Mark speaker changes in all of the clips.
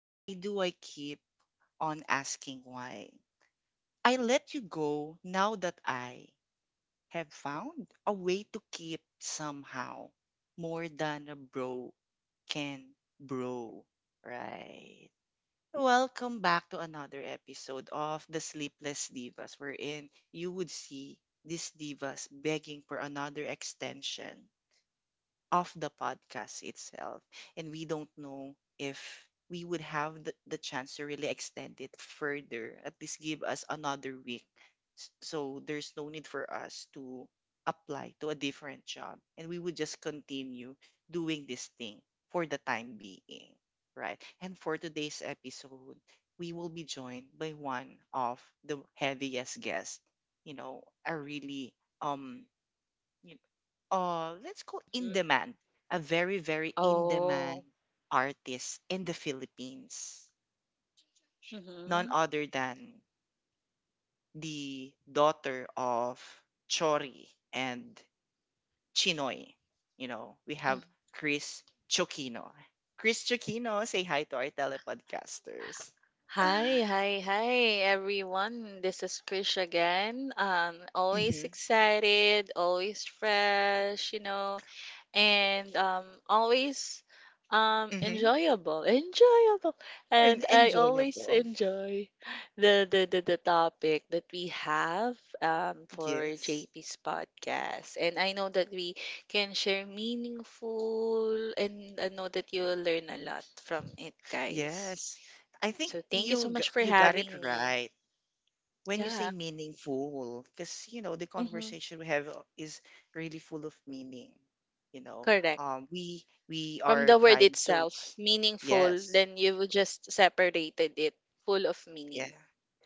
Speaker 1: Why do I keep on asking why? I let you go now that I have found a way to keep somehow more than a bro can bro. Right. Welcome back to another episode of The Sleepless Divas, wherein you would see these divas begging for another extension of the podcast itself. And we don't know if we would have the chance to really extend it further, at least give us another week. So there's no need for us to apply to a different job. And we would just continue doing this thing for the time being, right? And for today's episode, we will be joined by one of the heaviest guests, you know, a really Yep. Let's go, in
Speaker 2: Mm.
Speaker 1: demand, a very, very in demand
Speaker 2: Oh.
Speaker 1: artist in the Philippines. None
Speaker 2: Mm-hmm.
Speaker 1: other than the daughter of Chori and Chinoy. You know, we have Chris Chokino. Chris Chokino, say hi to our telepodcasters.
Speaker 2: Hi, hi, hi, everyone. This is Krish again.
Speaker 1: Mm-hmm.
Speaker 2: Always excited, always fresh, you know, and always
Speaker 1: Mm-hmm.
Speaker 2: enjoyable, enjoyable.
Speaker 1: And
Speaker 2: And I always
Speaker 1: enjoyable.
Speaker 2: enjoy the topic that we have for
Speaker 1: Yes.
Speaker 2: JP's podcast. And I know that we can share meaningful, and I know that you'll learn a lot from it, guys.
Speaker 1: Yes. I think
Speaker 2: So thank you so
Speaker 1: you g-
Speaker 2: much for
Speaker 1: you got it
Speaker 2: having me.
Speaker 1: right when you say
Speaker 2: Yeah,
Speaker 1: meaningful, because you know the
Speaker 2: hmm
Speaker 1: conversation we have, is really full of meaning, you know.
Speaker 2: correct.
Speaker 1: Um we we
Speaker 2: From
Speaker 1: are
Speaker 2: the word
Speaker 1: trying to,
Speaker 2: itself, meaningful,
Speaker 1: yes,
Speaker 2: then you just separated it, full of
Speaker 1: yeah,
Speaker 2: meaning,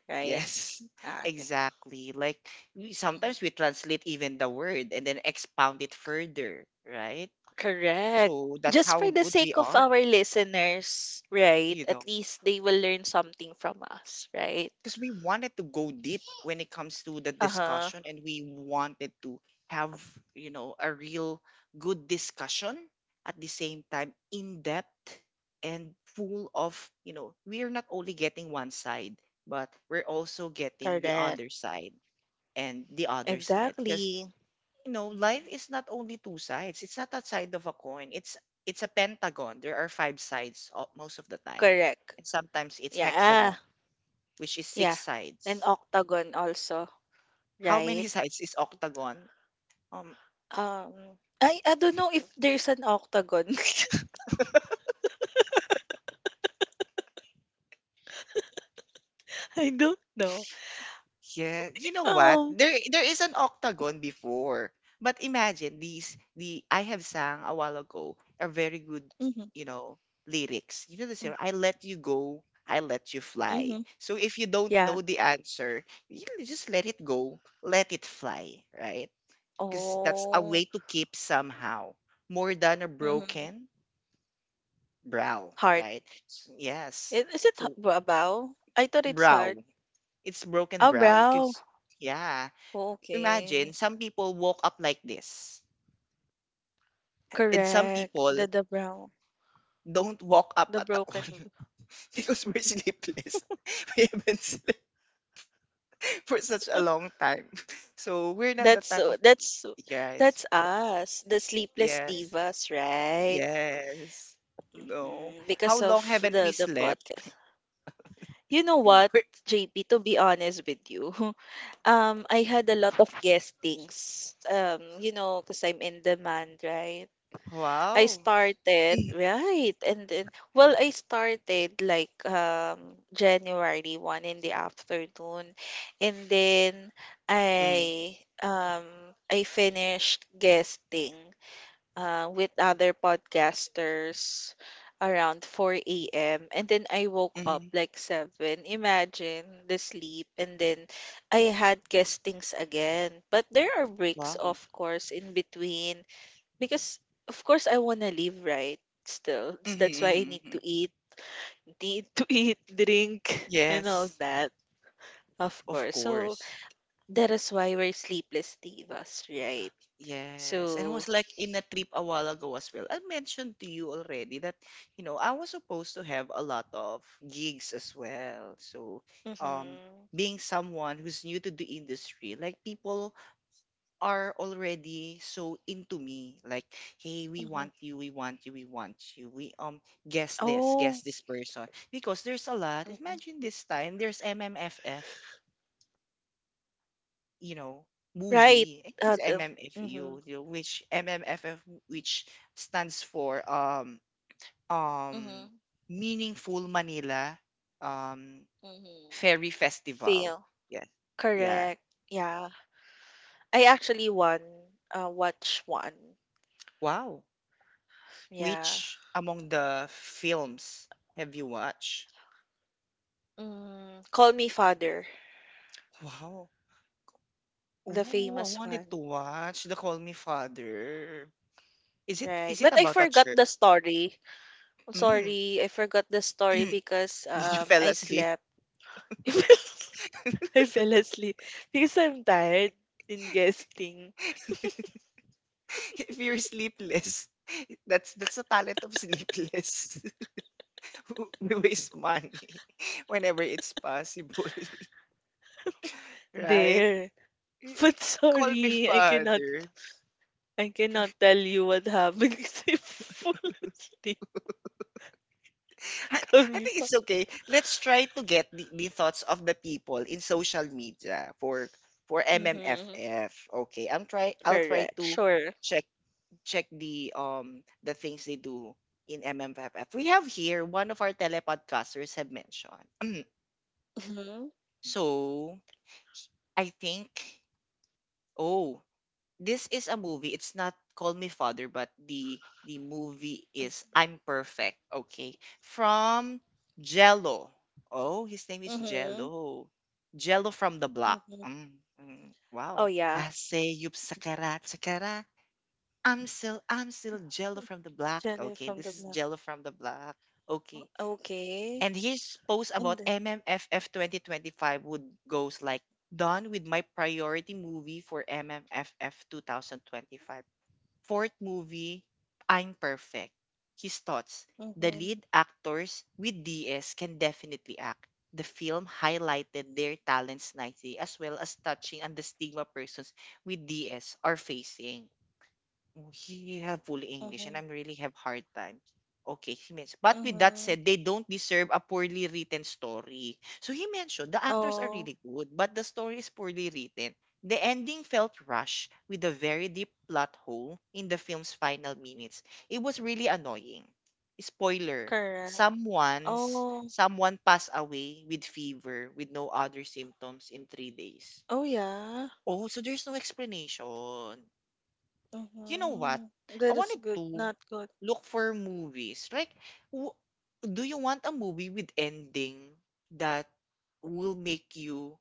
Speaker 2: right?
Speaker 1: yes,
Speaker 2: Ah, okay.
Speaker 1: exactly. Like, we sometimes
Speaker 2: Mhm.
Speaker 1: we translate even the word and then expound it further, right?
Speaker 2: Correct.
Speaker 1: So that's
Speaker 2: Just
Speaker 1: how
Speaker 2: for the
Speaker 1: good we
Speaker 2: sake of
Speaker 1: are,
Speaker 2: our listeners, right?
Speaker 1: you know,
Speaker 2: At least they will learn something from us, right?
Speaker 1: because we wanted to go deep when it comes to the
Speaker 2: Uh-huh.
Speaker 1: discussion and we wanted to have, you know, a real good discussion, at the same time in depth and full of, you know, we're not only getting one side, but we're also getting the
Speaker 2: Correct.
Speaker 1: other side and the other side. Because,
Speaker 2: Exactly.
Speaker 1: you know, life
Speaker 2: Mhm.
Speaker 1: is not only two sides. It's not a side of a coin. It's a pentagon. There are five sides most of the time,
Speaker 2: Correct.
Speaker 1: and sometimes it's
Speaker 2: Yeah.
Speaker 1: hexagon, which is six
Speaker 2: Yeah. And
Speaker 1: sides.
Speaker 2: octagon also,
Speaker 1: How
Speaker 2: right?
Speaker 1: many sides is octagon? Um,
Speaker 2: Um, I don't know if there's an octagon. I don't know.
Speaker 1: yeah, you know what?
Speaker 2: Um.
Speaker 1: There is an octagon before. But imagine these, the I have sang a while ago are very good,
Speaker 2: Mm-hmm.
Speaker 1: you know, lyrics. You know the same. I let you go, I let you fly.
Speaker 2: Mm-hmm.
Speaker 1: So if you don't
Speaker 2: Yeah.
Speaker 1: know the answer, you just let it go, let it fly, right? Because that's a
Speaker 2: Oh.
Speaker 1: way to keep somehow more than a
Speaker 2: Mm-hmm.
Speaker 1: broken brow,
Speaker 2: Heart.
Speaker 1: right? Yes.
Speaker 2: It is it h-
Speaker 1: So
Speaker 2: bra- bow? I thought it's
Speaker 1: brow.
Speaker 2: heart.
Speaker 1: It's broken
Speaker 2: Oh,
Speaker 1: brow.
Speaker 2: brow.
Speaker 1: 'Cause yeah, imagine
Speaker 2: Okay.
Speaker 1: some people walk up like this, and some
Speaker 2: Correct.
Speaker 1: people
Speaker 2: The brow.
Speaker 1: don't walk up
Speaker 2: The
Speaker 1: at all.
Speaker 2: broken.
Speaker 1: Because we're sleepless. We haven't slept for such a long time, so we're not the
Speaker 2: That's
Speaker 1: type
Speaker 2: so
Speaker 1: of,
Speaker 2: that's so-
Speaker 1: yes,
Speaker 2: that's us, the sleepless
Speaker 1: yes,
Speaker 2: divas, right?
Speaker 1: yes. You know how
Speaker 2: Because of
Speaker 1: long haven't
Speaker 2: the
Speaker 1: we
Speaker 2: the
Speaker 1: slept?
Speaker 2: podcast. You know what,
Speaker 1: We're—
Speaker 2: JP, to be honest with you, I had a lot of guestings. Because I'm in demand, right? I
Speaker 1: wow.
Speaker 2: started right, and then well, I started like January 1 in the afternoon, and then
Speaker 1: Mm-hmm.
Speaker 2: I um I finished guesting with other podcasters around 4 a.m. and then I woke up
Speaker 1: Mm-hmm.
Speaker 2: like 7. Imagine the sleep, and then I had guestings again, but there are breaks, of
Speaker 1: Wow.
Speaker 2: course, in between because of course I wanna live, right? Still. S-
Speaker 1: Mm-hmm,
Speaker 2: That's why I
Speaker 1: mm-hmm,
Speaker 2: need
Speaker 1: mm-hmm.
Speaker 2: to eat, need to eat, drink, and all
Speaker 1: Yes,
Speaker 2: that. Of
Speaker 1: of
Speaker 2: course. So
Speaker 1: course.
Speaker 2: that is why we're sleepless divas, right?
Speaker 1: Yes, and
Speaker 2: So
Speaker 1: was like in a trip a while ago as well. I mentioned to you already that, you know, I was supposed to have a lot of gigs as well. So, um,
Speaker 2: mm-hmm,
Speaker 1: being someone who's new to the industry, like people are already so into me. Like, hey, we
Speaker 2: mm-hmm.
Speaker 1: want you, we want you, we want you. We guess
Speaker 2: Oh
Speaker 1: this person. Because there's a lot.
Speaker 2: mm-mm.
Speaker 1: Imagine this time there's MMFF, you know,
Speaker 2: Right.
Speaker 1: movie. I think it's
Speaker 2: The, mm-hmm,
Speaker 1: MMFU, you know, which MMFF, which stands for um
Speaker 2: mm-hmm,
Speaker 1: Meaningful Manila um
Speaker 2: mm-hmm.
Speaker 1: Ferry Festival.
Speaker 2: Feel.
Speaker 1: Yes, yeah.
Speaker 2: Correct. Yeah. I actually won watch one.
Speaker 1: Wow.
Speaker 2: Yeah.
Speaker 1: Which among the films have you watched?
Speaker 2: Mm, Call Me Father,
Speaker 1: Wow.
Speaker 2: the
Speaker 1: Oh, I
Speaker 2: famous
Speaker 1: wanted to
Speaker 2: one.
Speaker 1: watch The Call Me Father. Is it,
Speaker 2: Right.
Speaker 1: is it
Speaker 2: But I
Speaker 1: about a
Speaker 2: forgot
Speaker 1: church?
Speaker 2: the story. I'm
Speaker 1: Mm.
Speaker 2: sorry, I forgot the story because
Speaker 1: Did you fell
Speaker 2: I
Speaker 1: asleep?
Speaker 2: slept. I fell asleep because I'm tired in guesting
Speaker 1: If you're sleepless, that's the talent of sleepless. Who waste money whenever it's possible, right?
Speaker 2: there.
Speaker 1: Eh,
Speaker 2: But
Speaker 1: call me
Speaker 2: sorry, I cannot
Speaker 1: father.
Speaker 2: I cannot tell you what happened because I fall asleep.
Speaker 1: I, I
Speaker 2: Kami
Speaker 1: think
Speaker 2: pa.
Speaker 1: it's okay. Let's try to get the thoughts of the people in social media for
Speaker 2: Mm-hmm.
Speaker 1: MMFF. Okay, I'll try
Speaker 2: Correct.
Speaker 1: to
Speaker 2: Sure.
Speaker 1: check check the things they do in MMFF. We have here one of our telepodcasters have mentioned.
Speaker 2: Mm-hmm.
Speaker 1: So I think, oh, this is a movie. It's not Call Me Father, but the movie is I'm Perfect. Okay. From Jello. Oh, his name is
Speaker 2: Mm-hmm.
Speaker 1: Jello. Jello from the block.
Speaker 2: Mm-hmm.
Speaker 1: Mm, mm,
Speaker 2: Oh
Speaker 1: wow.
Speaker 2: yeah.
Speaker 1: I say yup sakara sakara. I'm still Jello from the block.
Speaker 2: Jenny
Speaker 1: Okay,
Speaker 2: from
Speaker 1: this
Speaker 2: the
Speaker 1: is
Speaker 2: block.
Speaker 1: Jello from the block. Okay.
Speaker 2: Okay.
Speaker 1: And his post
Speaker 2: And
Speaker 1: about
Speaker 2: then.
Speaker 1: MMFF 2025 would goes like, done with my priority movie for MMFF 2025. Fourth movie, I'm Perfect. His thoughts. The
Speaker 2: Mm-hmm.
Speaker 1: lead actors with DS can definitely act. The film highlighted their talents nicely, as well as touching on the stigma persons with DS are facing. He have full English and
Speaker 2: Mm-hmm.
Speaker 1: I'm really have hard time. Okay, he means. But with that
Speaker 2: Mm-hmm.
Speaker 1: said, they don't deserve a poorly written story. So he mentioned the actors are
Speaker 2: Oh.
Speaker 1: really good, but the story is poorly written. The ending felt rushed with a very deep plot hole in the film's final minutes. It was really annoying. Spoiler:
Speaker 2: Correct.
Speaker 1: someone's,
Speaker 2: Oh,
Speaker 1: someone passed away with fever with no other symptoms in 3 days.
Speaker 2: oh yeah.
Speaker 1: Oh, so there's no explanation. You know what?
Speaker 2: Mm-hmm.
Speaker 1: I
Speaker 2: That is
Speaker 1: wanted
Speaker 2: good,
Speaker 1: to
Speaker 2: not good.
Speaker 1: look for movies. Like, w- do you want a movie with ending that will make you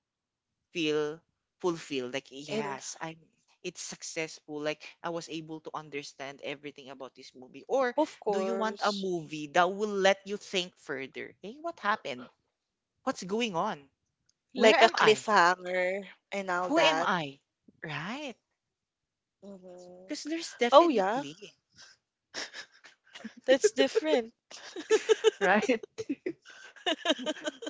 Speaker 1: feel fulfilled? Like,
Speaker 2: And
Speaker 1: yes, I'm. It's successful. Like, I was able to understand everything about this movie. Or
Speaker 2: of
Speaker 1: do you want a
Speaker 2: course,
Speaker 1: movie that will let you think further? Hey, what happened? What's going on? Where
Speaker 2: like a
Speaker 1: am I?
Speaker 2: cliffhanger and all
Speaker 1: Who am
Speaker 2: that.
Speaker 1: I? Right?
Speaker 2: Mm-hmm.
Speaker 1: Because there's
Speaker 2: Oh yeah,
Speaker 1: definitely
Speaker 2: that's different.
Speaker 1: right.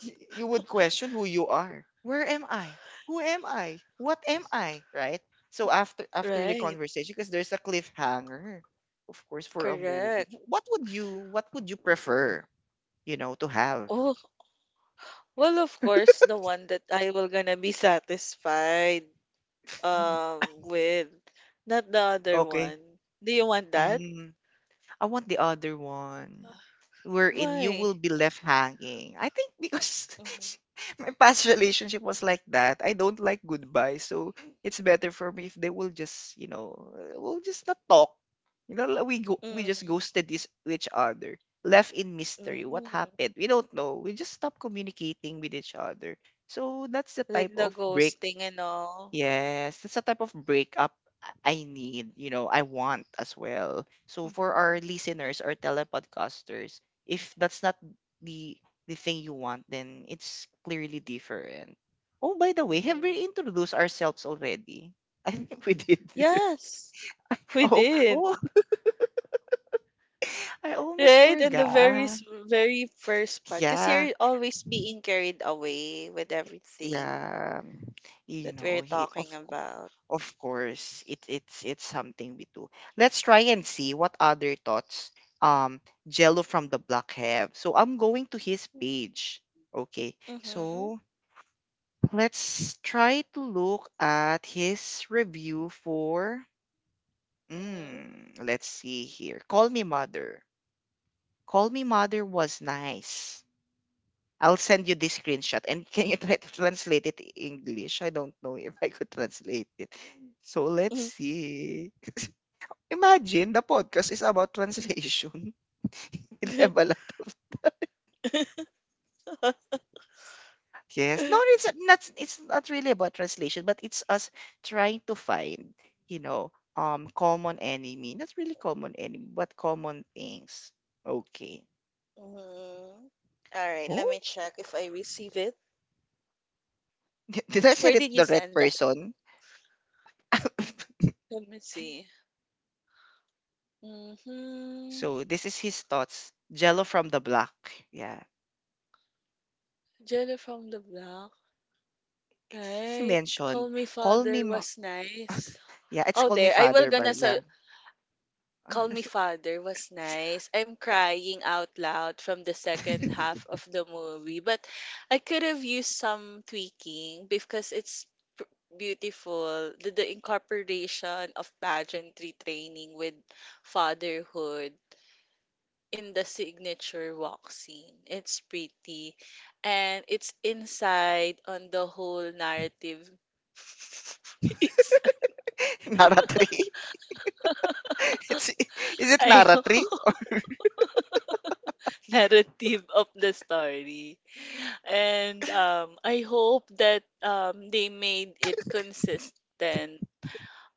Speaker 1: You would question who you are. Where am I? Who am I? What am I? Right? So after the
Speaker 2: Right.
Speaker 1: conversation, because there's a cliffhanger, of course, for a movie.
Speaker 2: Correct.
Speaker 1: What would you, what would you prefer, you know, to have?
Speaker 2: Oh, well, of course, the one that I will gonna be satisfied
Speaker 1: Mm.
Speaker 2: with, not the other
Speaker 1: Okay.
Speaker 2: one. Do you want that?
Speaker 1: Mm, I want the other one, wherein you
Speaker 2: Why?
Speaker 1: will be left hanging. I think because
Speaker 2: Mm-hmm.
Speaker 1: my past relationship was like that. I don't like goodbye. So it's better for me if they will just, you know, we'll just not talk. You know, like we go, we just
Speaker 2: Mm-hmm.
Speaker 1: ghosted this each other, left in mystery. What
Speaker 2: Mm-hmm.
Speaker 1: happened? We don't know. We just stopped communicating with each other. So that's the type
Speaker 2: Like the
Speaker 1: of break.
Speaker 2: ghosting and all.
Speaker 1: Yes, that's a type of breakup I need, you know, I want as well. So for our
Speaker 2: Hmm.
Speaker 1: listeners, our telepodcasters, if that's not the the thing you want, then it's clearly different. Oh, by the way, have
Speaker 2: Mm-hmm.
Speaker 1: we introduced ourselves already? I think we did.
Speaker 2: Yes, we
Speaker 1: Oh,
Speaker 2: did.
Speaker 1: oh, I almost
Speaker 2: Right? And the very
Speaker 1: forgot.
Speaker 2: s- very first part. Because
Speaker 1: Yeah.
Speaker 2: you're always being carried away with everything
Speaker 1: Yeah, you
Speaker 2: that we're
Speaker 1: know, he
Speaker 2: talking about.
Speaker 1: of course it it's something we do. Let's try and see what other thoughts um Jello from the block have. So I'm going to his
Speaker 2: Mm-hmm.
Speaker 1: page. Okay.
Speaker 2: Mm-hmm.
Speaker 1: So let's try to look at his review for, mm, let's see here. Call me mother. Call me mother was nice. I'll send you this screenshot, and can you try to translate it in English? I don't know if I could translate it. So let's see. Imagine the podcast is about translation. We
Speaker 2: Mm-hmm.
Speaker 1: have a lot of, yes. No,
Speaker 2: Mm-hmm.
Speaker 1: it's not. It's not really about translation, but it's us trying to find, you know, common enemy. Not really common enemy, but common things. Okay.
Speaker 2: All right, let
Speaker 1: Oh,
Speaker 2: me check if I receive it.
Speaker 1: did I send
Speaker 2: Where
Speaker 1: it
Speaker 2: did you
Speaker 1: the right
Speaker 2: send that?
Speaker 1: person?
Speaker 2: Let me see. Mm-hmm.
Speaker 1: So this is his thoughts. Jello from the block. Yeah.
Speaker 2: Jelly from the block.
Speaker 1: As he
Speaker 2: Right.
Speaker 1: mentioned,
Speaker 2: Call Me
Speaker 1: call me
Speaker 2: Father
Speaker 1: ma-
Speaker 2: was nice.
Speaker 1: yeah, it's
Speaker 2: Oh,
Speaker 1: call me
Speaker 2: there. I will
Speaker 1: father,
Speaker 2: gonna
Speaker 1: but yeah.
Speaker 2: so Call Me Father was nice. I'm
Speaker 1: Yeah.
Speaker 2: crying out loud from the second half of the movie, but I could have used some tweaking because it's pr- beautiful. The incorporation of pageantry training with fatherhood in the signature walk scene. It's pretty. And it's inside on the whole narrative. it's
Speaker 1: Nara 3. It's, is it
Speaker 2: I
Speaker 1: Nara
Speaker 2: hope
Speaker 1: 3?
Speaker 2: narrative of the story. And I hope that they made it consistent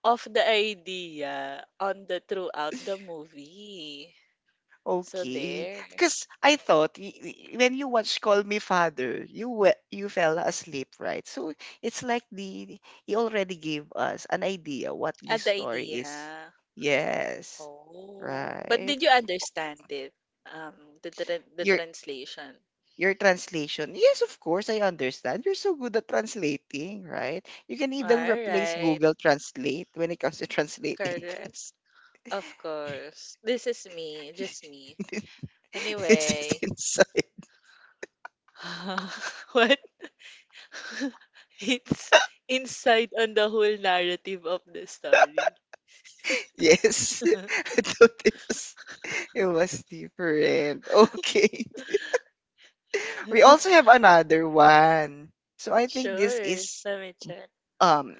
Speaker 2: of the idea on the throughout the movie. So
Speaker 1: Okay.
Speaker 2: there.
Speaker 1: Because I thought when you watch Call Me Father, you fell asleep, right? So it's like the he already gave us an idea what this
Speaker 2: At the
Speaker 1: story is.
Speaker 2: idea.
Speaker 1: Yes.
Speaker 2: Oh, but
Speaker 1: Right.
Speaker 2: did you understand it? Um, the
Speaker 1: You're
Speaker 2: translation.
Speaker 1: Your translation. Yes, of course, I understand. You're so good at translating, right? You can
Speaker 2: All
Speaker 1: even replace
Speaker 2: right,
Speaker 1: Google Translate when it comes to translating
Speaker 2: correct.
Speaker 1: things.
Speaker 2: Of course. This is me, just me.
Speaker 1: This is
Speaker 2: Anyway,
Speaker 1: inside.
Speaker 2: what? It's inside on the whole narrative of the story.
Speaker 1: Yes, I thought it was different. Okay, we also have another one. So I think this
Speaker 2: Sure,
Speaker 1: is
Speaker 2: let me check.
Speaker 1: um,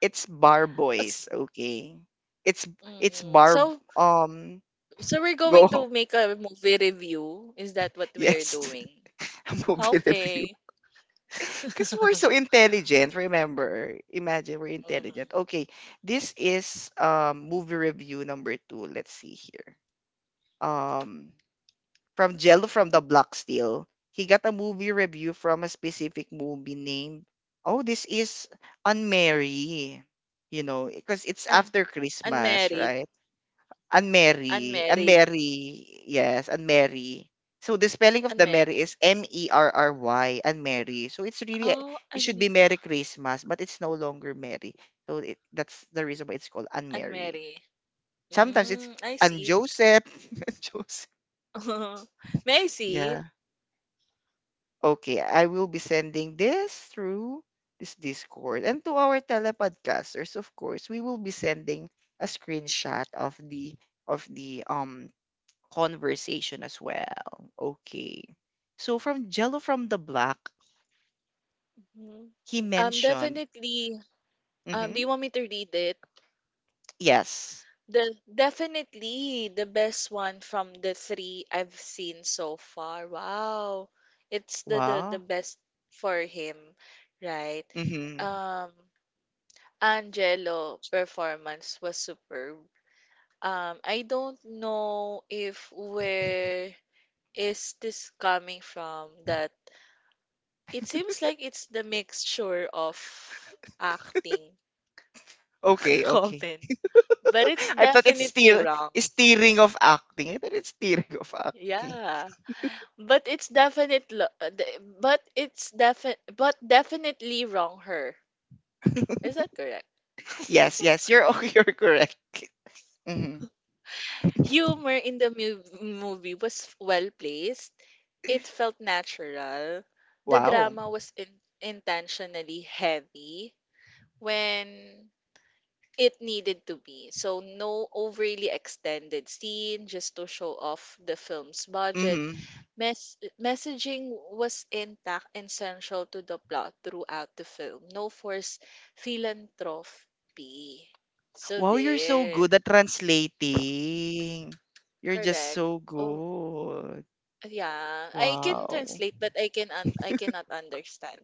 Speaker 1: it's bar boys. Okay, it's it's
Speaker 2: Mm-hmm.
Speaker 1: bar
Speaker 2: So,
Speaker 1: um
Speaker 2: so we're
Speaker 1: go
Speaker 2: going to make a movie review. Is that what we're
Speaker 1: yes
Speaker 2: doing?
Speaker 1: a movie review.
Speaker 2: Okay.
Speaker 1: Because we're so intelligent, remember? Imagine we're
Speaker 2: Mhm.
Speaker 1: intelligent. Okay, this is movie review number two. Let's see here. Um, from Jello from the Block Steel, he got a movie review from a specific movie named. Oh, this is Unmarry. You know, because it's
Speaker 2: Un
Speaker 1: after Christmas,
Speaker 2: unmarried,
Speaker 1: right? And
Speaker 2: unmarried,
Speaker 1: Mary, yes, and Mary. So the spelling of the Mary
Speaker 2: unmarried.
Speaker 1: is Merry, And Mary. So it's really,
Speaker 2: Oh,
Speaker 1: it should
Speaker 2: un
Speaker 1: be Merry Christmas, but it's no longer Mary. So it, that's the reason why it's called anne Mary.
Speaker 2: unmarried.
Speaker 1: Sometimes it's
Speaker 2: Mm, I see.
Speaker 1: Anne-Joseph. Joseph. and Joseph.
Speaker 2: May I see?
Speaker 1: Yeah. Okay, I will be sending this through this Discord. And to our telepodcasters, of course, we will be sending a screenshot of the of the um conversation as well. Okay. So from Jello from the Black,
Speaker 2: Mhm.
Speaker 1: he
Speaker 2: Um,
Speaker 1: mentioned,
Speaker 2: definitely. Um,
Speaker 1: mm-hmm,
Speaker 2: do you want me to read it?
Speaker 1: yes.
Speaker 2: The definitely the best one from the three I've seen so far. Wow, it's the
Speaker 1: Wow.
Speaker 2: best for him, right?
Speaker 1: Mm-hmm.
Speaker 2: Um, Angelo performance was superb. I don't know if where is this coming from that it seems like it's the mixture of acting
Speaker 1: Okay, okay.
Speaker 2: comment, but it's
Speaker 1: I thought it's
Speaker 2: definitely
Speaker 1: still
Speaker 2: wrong.
Speaker 1: steering of acting. I thought it's steering of acting.
Speaker 2: Yeah. But it's definitely but it's defi but definitely wrong her. Is that correct?
Speaker 1: Yes, yes, you're you're correct. Mm-hmm.
Speaker 2: Humor in the mu movie was well placed. It felt natural. The
Speaker 1: Wow.
Speaker 2: drama was intentionally heavy when it needed to be. So, no overly extended scene just to show off the film's budget.
Speaker 1: Mm-hmm.
Speaker 2: Messaging was intact and essential to the plot throughout the film. No forced philanthropy. So,
Speaker 1: Wow, you're so
Speaker 2: there.
Speaker 1: good at translating. You're just
Speaker 2: Correct.
Speaker 1: so
Speaker 2: Oh,
Speaker 1: good.
Speaker 2: yeah, I can
Speaker 1: Wow.
Speaker 2: translate, but I cannot understand.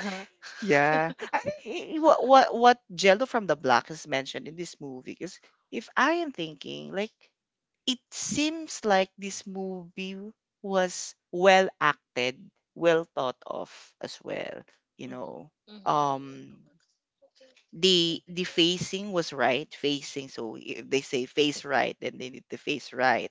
Speaker 1: Yeah. I think what Jello from the Block has mentioned in this movie. Cause if I am thinking, like, it seems like this movie was well acted, well thought of as well, you know.
Speaker 2: Mm-hmm.
Speaker 1: Um the
Speaker 2: Mm-hmm.
Speaker 1: facing was right, facing, so if they say face right then they need to face right,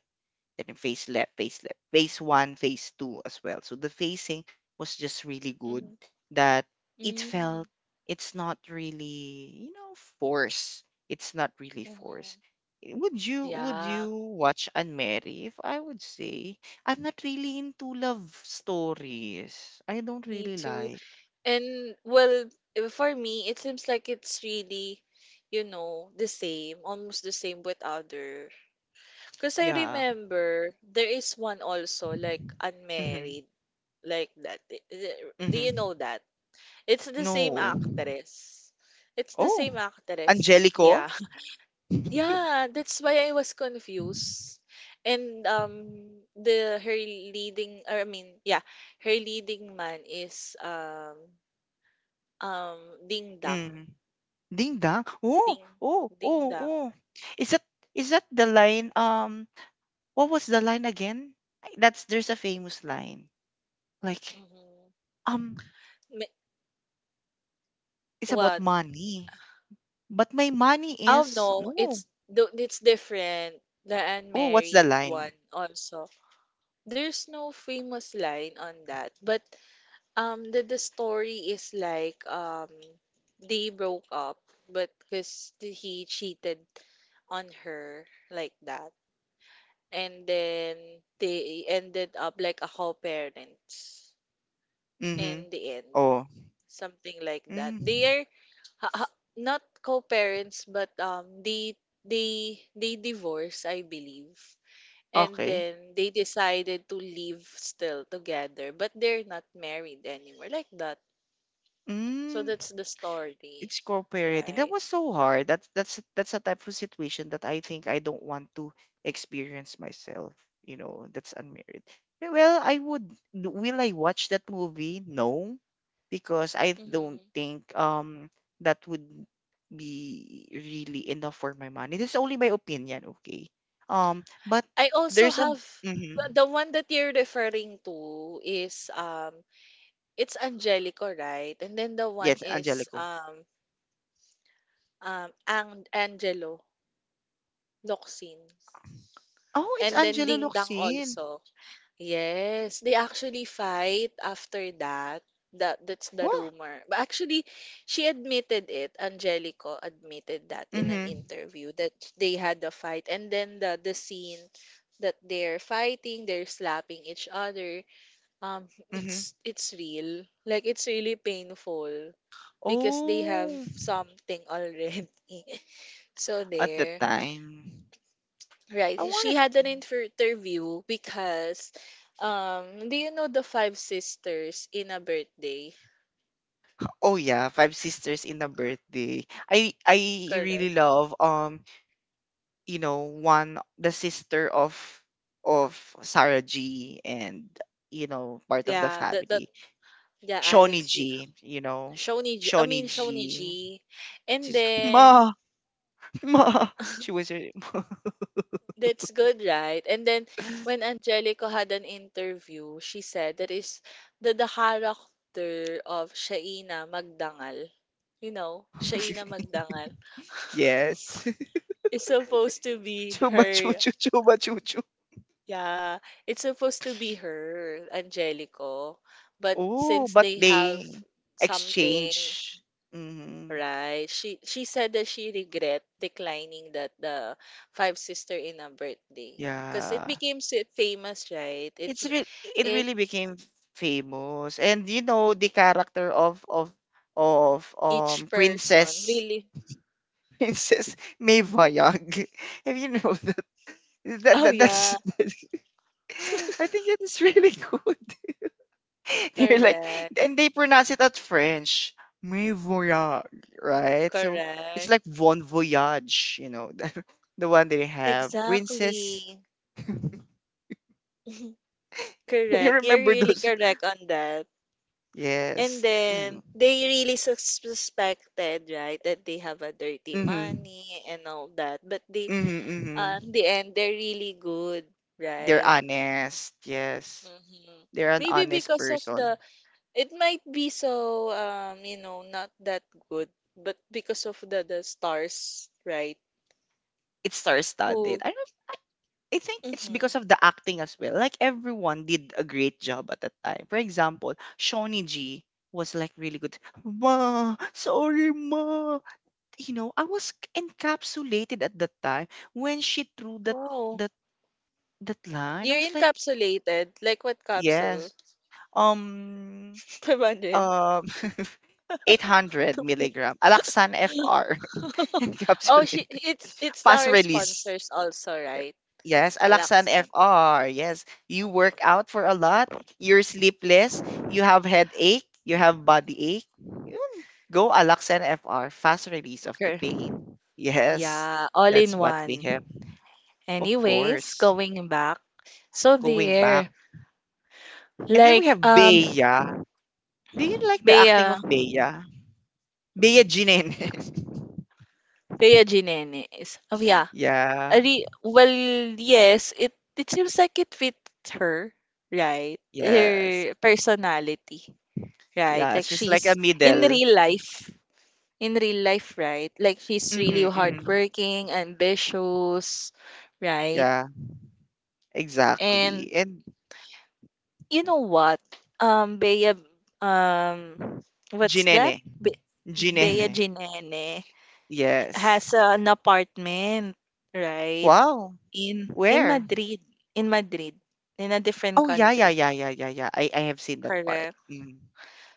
Speaker 1: then phase left, phase left, phase one, phase two as well. So the phasing was just really good
Speaker 2: Mm-hmm.
Speaker 1: that it felt it's not really, force. It's not really force.
Speaker 2: Mm-hmm.
Speaker 1: Would you would
Speaker 2: Yeah,
Speaker 1: you watch Unmarry? If I would say, I'm not really into love stories. I don't
Speaker 2: me
Speaker 1: really
Speaker 2: too.
Speaker 1: like.
Speaker 2: And well, for me, it seems like it's really, the same, almost the same with other. Because I
Speaker 1: Yeah.
Speaker 2: remember there is one also, like
Speaker 1: Mm-hmm.
Speaker 2: unmarried, like that. Do you
Speaker 1: Mm-hmm.
Speaker 2: know that? It's the same
Speaker 1: No.
Speaker 2: actress. It's the same
Speaker 1: Oh,
Speaker 2: actress.
Speaker 1: Angelico?
Speaker 2: Yeah. Yeah, that's why I was confused. And the her leading or I mean, yeah, her leading man is um Ding Dang.
Speaker 1: Mm. Ding Dang? Oh,
Speaker 2: Ding
Speaker 1: oh, oh,
Speaker 2: Ding Dang.
Speaker 1: oh. Is that is that the line? What was the line again? That's there's a famous line. Like,
Speaker 2: Mm-hmm.
Speaker 1: um,
Speaker 2: Me-
Speaker 1: it's about
Speaker 2: What?
Speaker 1: money. But my money
Speaker 2: Oh
Speaker 1: is
Speaker 2: no,
Speaker 1: no.
Speaker 2: it's different. The
Speaker 1: Oh, what's the
Speaker 2: unmarried one
Speaker 1: line?
Speaker 2: also. There's no famous line on that, but the story is like they broke up but because he cheated on her like that. And then they ended up like a co-parents in
Speaker 1: Mm-hmm.
Speaker 2: the end.
Speaker 1: Oh.
Speaker 2: Something like that. They
Speaker 1: Mm.
Speaker 2: are not co-parents but they divorce, I believe. And
Speaker 1: Okay.
Speaker 2: then they decided to live still together, but they're not married anymore like that. So
Speaker 1: Mm.
Speaker 2: that's the story,
Speaker 1: It's cooperating. That
Speaker 2: right?
Speaker 1: was so hard. That's a type of situation that I think I don't want to experience myself. You know, that's unmarried. Well, I would. Will I watch that movie? No, because I don't
Speaker 2: hmm
Speaker 1: think that would be really enough for my money. This is only my opinion, okay? But
Speaker 2: I also
Speaker 1: there's a
Speaker 2: have the
Speaker 1: mm-hmm.
Speaker 2: the one that you're referring to is It's Angelico, right? And then the one
Speaker 1: Yes,
Speaker 2: is
Speaker 1: Angelico.
Speaker 2: Angelo Locsin.
Speaker 1: Oh, it's
Speaker 2: And then
Speaker 1: Angelo
Speaker 2: Ding Dang
Speaker 1: Locsin.
Speaker 2: also. Yes, they actually fight after that. That's the
Speaker 1: Oh,
Speaker 2: rumor. But actually, she admitted it. Angelico admitted that in an
Speaker 1: mm-hmm,
Speaker 2: interview that they had the fight. And then the scene that they're fighting, they're slapping each other. Um,
Speaker 1: mm-hmm.
Speaker 2: it's it's real. Like it's really painful. Because they have
Speaker 1: Oh.
Speaker 2: something already. So
Speaker 1: At that
Speaker 2: there,
Speaker 1: time,
Speaker 2: right?
Speaker 1: I
Speaker 2: She
Speaker 1: wanted
Speaker 2: had an interview because, do you know the five sisters in a birthday?
Speaker 1: oh yeah, Five Sisters in a Birthday. I
Speaker 2: Correct.
Speaker 1: really love, one, the sister of of Sarah G, and part of the
Speaker 2: Yeah, the
Speaker 1: family.
Speaker 2: yeah
Speaker 1: Shawnee
Speaker 2: Alex G,
Speaker 1: G, you know.
Speaker 2: Shoni G, I
Speaker 1: Shawnee
Speaker 2: mean Shoni
Speaker 1: G.
Speaker 2: G, and
Speaker 1: She's
Speaker 2: then.
Speaker 1: Ma, Ma. She was her.
Speaker 2: That's good, right? And then when Angelico had an interview, she said that is the character of Shaina Magdangal, you know, Shaina Magdangal
Speaker 1: Yes.
Speaker 2: It's supposed to be
Speaker 1: Chuba
Speaker 2: her.
Speaker 1: chuchu, chuba chuchu.
Speaker 2: Yeah, it's supposed to be her, Angelico. But
Speaker 1: Oh,
Speaker 2: since
Speaker 1: but
Speaker 2: they have
Speaker 1: they
Speaker 2: something,
Speaker 1: exchange. Mhm.
Speaker 2: right. She said that she regret declining that the five sister in a birthday because it
Speaker 1: Yeah.
Speaker 2: became so famous, right? It
Speaker 1: It's
Speaker 2: m-
Speaker 1: re it
Speaker 2: it
Speaker 1: really became famous. And you know the character of of
Speaker 2: each person
Speaker 1: Princess
Speaker 2: really.
Speaker 1: Princess May Vayag. Have you know
Speaker 2: Oh
Speaker 1: that's.
Speaker 2: yeah,
Speaker 1: I think that is really good. They're like,
Speaker 2: correct,
Speaker 1: and they pronounce it at French. May Voyage, right? So it's
Speaker 2: correct,
Speaker 1: like Bon Voyage, the one they have. Princess.
Speaker 2: exactly,
Speaker 1: You
Speaker 2: correct. You're
Speaker 1: remember
Speaker 2: really
Speaker 1: those?
Speaker 2: correct on that. And
Speaker 1: Yes.
Speaker 2: then they really suspected, right, that they have a dirty
Speaker 1: Mhm.
Speaker 2: money and all that. But they,
Speaker 1: Mhm,
Speaker 2: in
Speaker 1: mhm.
Speaker 2: the end, they're really good,
Speaker 1: They're
Speaker 2: right?
Speaker 1: honest. Yes.
Speaker 2: Mhm.
Speaker 1: They're an
Speaker 2: Maybe
Speaker 1: honest
Speaker 2: because of the
Speaker 1: person.
Speaker 2: it might be so not that good, but because of the stars, right?
Speaker 1: It's star-studded.
Speaker 2: Who?
Speaker 1: I don't I think it's
Speaker 2: Hmm.
Speaker 1: because of the acting as well. Like, everyone did a great job at that time. For example, Shawnee G was like really good. Ma, sorry, ma. You know, I was encapsulated at that time when she threw that
Speaker 2: Wow,
Speaker 1: that line. I
Speaker 2: you're
Speaker 1: was like,
Speaker 2: encapsulated. Like what capsule?
Speaker 1: yes. Um,
Speaker 2: 500.
Speaker 1: um 800 milligram Alaxan FR
Speaker 2: Oh, she
Speaker 1: encapsulated
Speaker 2: it's
Speaker 1: fast
Speaker 2: our
Speaker 1: release.
Speaker 2: sponsors also, right?
Speaker 1: Yes, Alaxan
Speaker 2: Alaksan.
Speaker 1: FR. Yes, you work
Speaker 2: Mhm.
Speaker 1: out for a lot. You're sleepless. You have headache. You have body ache. Yun. Go Alaxan FR. Fast release of the
Speaker 2: Okay.
Speaker 1: pain. Yes,
Speaker 2: Yeah, all in
Speaker 1: that's what we have.
Speaker 2: one.
Speaker 1: Of
Speaker 2: Anyways,
Speaker 1: course.
Speaker 2: going back. So
Speaker 1: Going back.
Speaker 2: there,
Speaker 1: And then we
Speaker 2: like
Speaker 1: have Bea. Do you like the acting
Speaker 2: Bea
Speaker 1: of Bea? Bea Jimenez.
Speaker 2: Bea Ginene is. Oh yeah.
Speaker 1: Yeah.
Speaker 2: Ari, well, yes, it seems like it fits her, right?
Speaker 1: Yes.
Speaker 2: Her personality, right?
Speaker 1: Yeah,
Speaker 2: Like
Speaker 1: she's like a
Speaker 2: she's in
Speaker 1: middle.
Speaker 2: real life, in real life, right? Like she's
Speaker 1: Mhm,
Speaker 2: really
Speaker 1: mhm.
Speaker 2: hardworking, ambitious, right?
Speaker 1: Yeah,
Speaker 2: And
Speaker 1: exactly. And
Speaker 2: you know what? Bea, um, what's
Speaker 1: Jinene.
Speaker 2: that? Be Bea
Speaker 1: Jinene.
Speaker 2: Ginene
Speaker 1: Yes.
Speaker 2: has an apartment, right?
Speaker 1: Wow.
Speaker 2: In
Speaker 1: Where?
Speaker 2: Madrid, in Madrid, in a different
Speaker 1: Oh yeah, yeah,
Speaker 2: country.
Speaker 1: yeah, yeah, yeah, yeah. I have seen that part.
Speaker 2: Correct.
Speaker 1: Mm.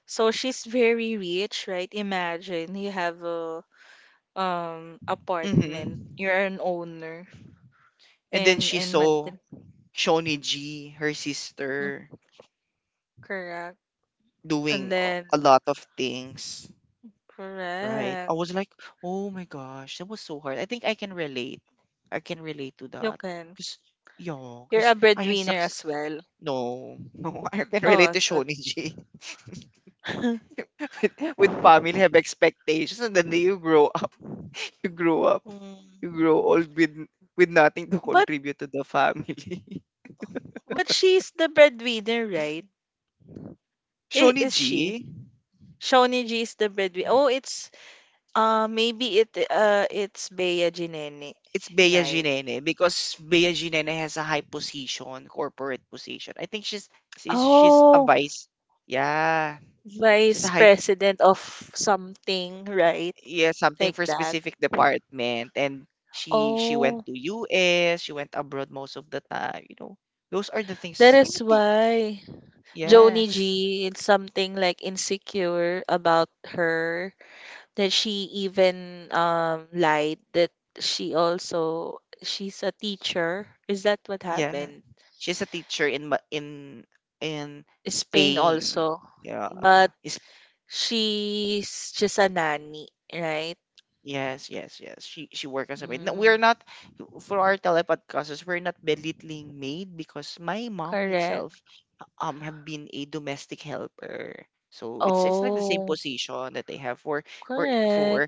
Speaker 2: So she's very rich, right? Imagine you have a
Speaker 1: Mm-hmm.
Speaker 2: apartment. You're an owner
Speaker 1: And then
Speaker 2: in
Speaker 1: she
Speaker 2: in
Speaker 1: saw
Speaker 2: Madrid.
Speaker 1: Shoniji, her
Speaker 2: Mm,
Speaker 1: sister,
Speaker 2: correct. And
Speaker 1: doing a
Speaker 2: then
Speaker 1: a lot of things. Right. I
Speaker 2: correct.
Speaker 1: was like, "Oh my gosh, that was so hard." I think I can relate. I can relate to
Speaker 2: You
Speaker 1: that,
Speaker 2: can.
Speaker 1: cause that. 'Cause
Speaker 2: You're
Speaker 1: cause
Speaker 2: a
Speaker 1: I have
Speaker 2: breadwinner as
Speaker 1: success.
Speaker 2: well.
Speaker 1: No, no, I can
Speaker 2: Oh,
Speaker 1: relate
Speaker 2: I
Speaker 1: to
Speaker 2: thought.
Speaker 1: Shoniji. With family have expectations, and then you grow up, you grow up, you grow
Speaker 2: Mm.
Speaker 1: old with nothing to
Speaker 2: But
Speaker 1: contribute to the family.
Speaker 2: but she's the breadwinner, right? Is she?
Speaker 1: Shoniji.
Speaker 2: Shawnee G is the breadwinner. Oh, it's maybe it's Bea Ginene,
Speaker 1: It's Bea
Speaker 2: right?
Speaker 1: Ginene because Bea Ginene has a high position, corporate position. I think she's a
Speaker 2: Oh,
Speaker 1: vice. Yeah. She's a
Speaker 2: vice
Speaker 1: high
Speaker 2: president of something, right?
Speaker 1: yeah, something
Speaker 2: Like
Speaker 1: for
Speaker 2: that.
Speaker 1: specific department, and she went
Speaker 2: Oh,
Speaker 1: to US, she went abroad most of the time. Those are the
Speaker 2: that
Speaker 1: things, you
Speaker 2: is
Speaker 1: know, the,
Speaker 2: why Joni
Speaker 1: yes.
Speaker 2: G is something like insecure about her that she even lied that she's a teacher. Is that what
Speaker 1: Yeah.
Speaker 2: happened?
Speaker 1: She's a teacher in in
Speaker 2: Spain
Speaker 1: Spain.
Speaker 2: also.
Speaker 1: Yeah.
Speaker 2: But she's just a nanny, right?
Speaker 1: Yes, yes, yes. She worked as a maid. No, we're
Speaker 2: Mm,
Speaker 1: not, for our telepodcasters, we're not belittling maid, because my mom
Speaker 2: correct.
Speaker 1: itself have been a domestic helper. So it's like the same
Speaker 2: Oh,
Speaker 1: position that they have for for
Speaker 2: correct.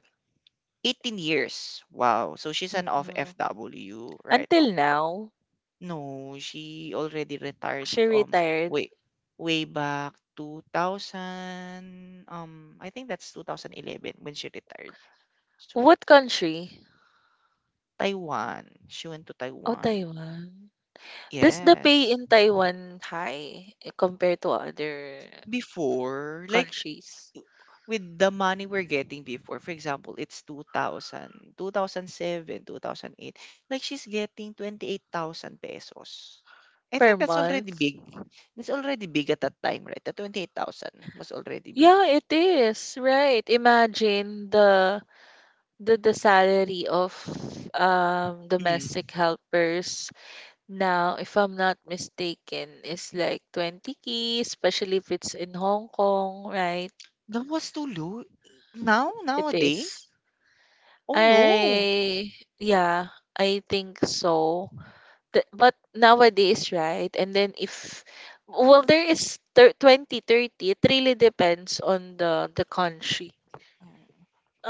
Speaker 1: 18 years. Wow. So she's an off
Speaker 2: Mm.
Speaker 1: FW right now.
Speaker 2: Until now,
Speaker 1: No, she already retired,
Speaker 2: she retired.
Speaker 1: way way back 2000, I think that's 2011 when she retired. So
Speaker 2: What country?
Speaker 1: Taiwan. She went to
Speaker 2: Oh,
Speaker 1: Taiwan.
Speaker 2: Taiwan. Does the pay
Speaker 1: Yes.
Speaker 2: in Taiwan high compared to other
Speaker 1: Before, like,
Speaker 2: countries
Speaker 1: with the money we're getting before, for example, it's 2000, 2000 2008, like she's getting 28,000 pesos. I
Speaker 2: per
Speaker 1: think that's already
Speaker 2: month?
Speaker 1: big. That's already big at that time, right? The 28,000 was already big.
Speaker 2: Yeah, it is. Right. Imagine the salary of domestic
Speaker 1: Mm.
Speaker 2: helpers. Now, if I'm not mistaken, it's like 20K, especially if it's in Hong Kong, right?
Speaker 1: That was too low. Now,
Speaker 2: It
Speaker 1: nowadays?
Speaker 2: is.
Speaker 1: Oh no.
Speaker 2: I, yeah, I think so. But nowadays, right? And then if, well, there is thir 20, 30. It really depends on the country.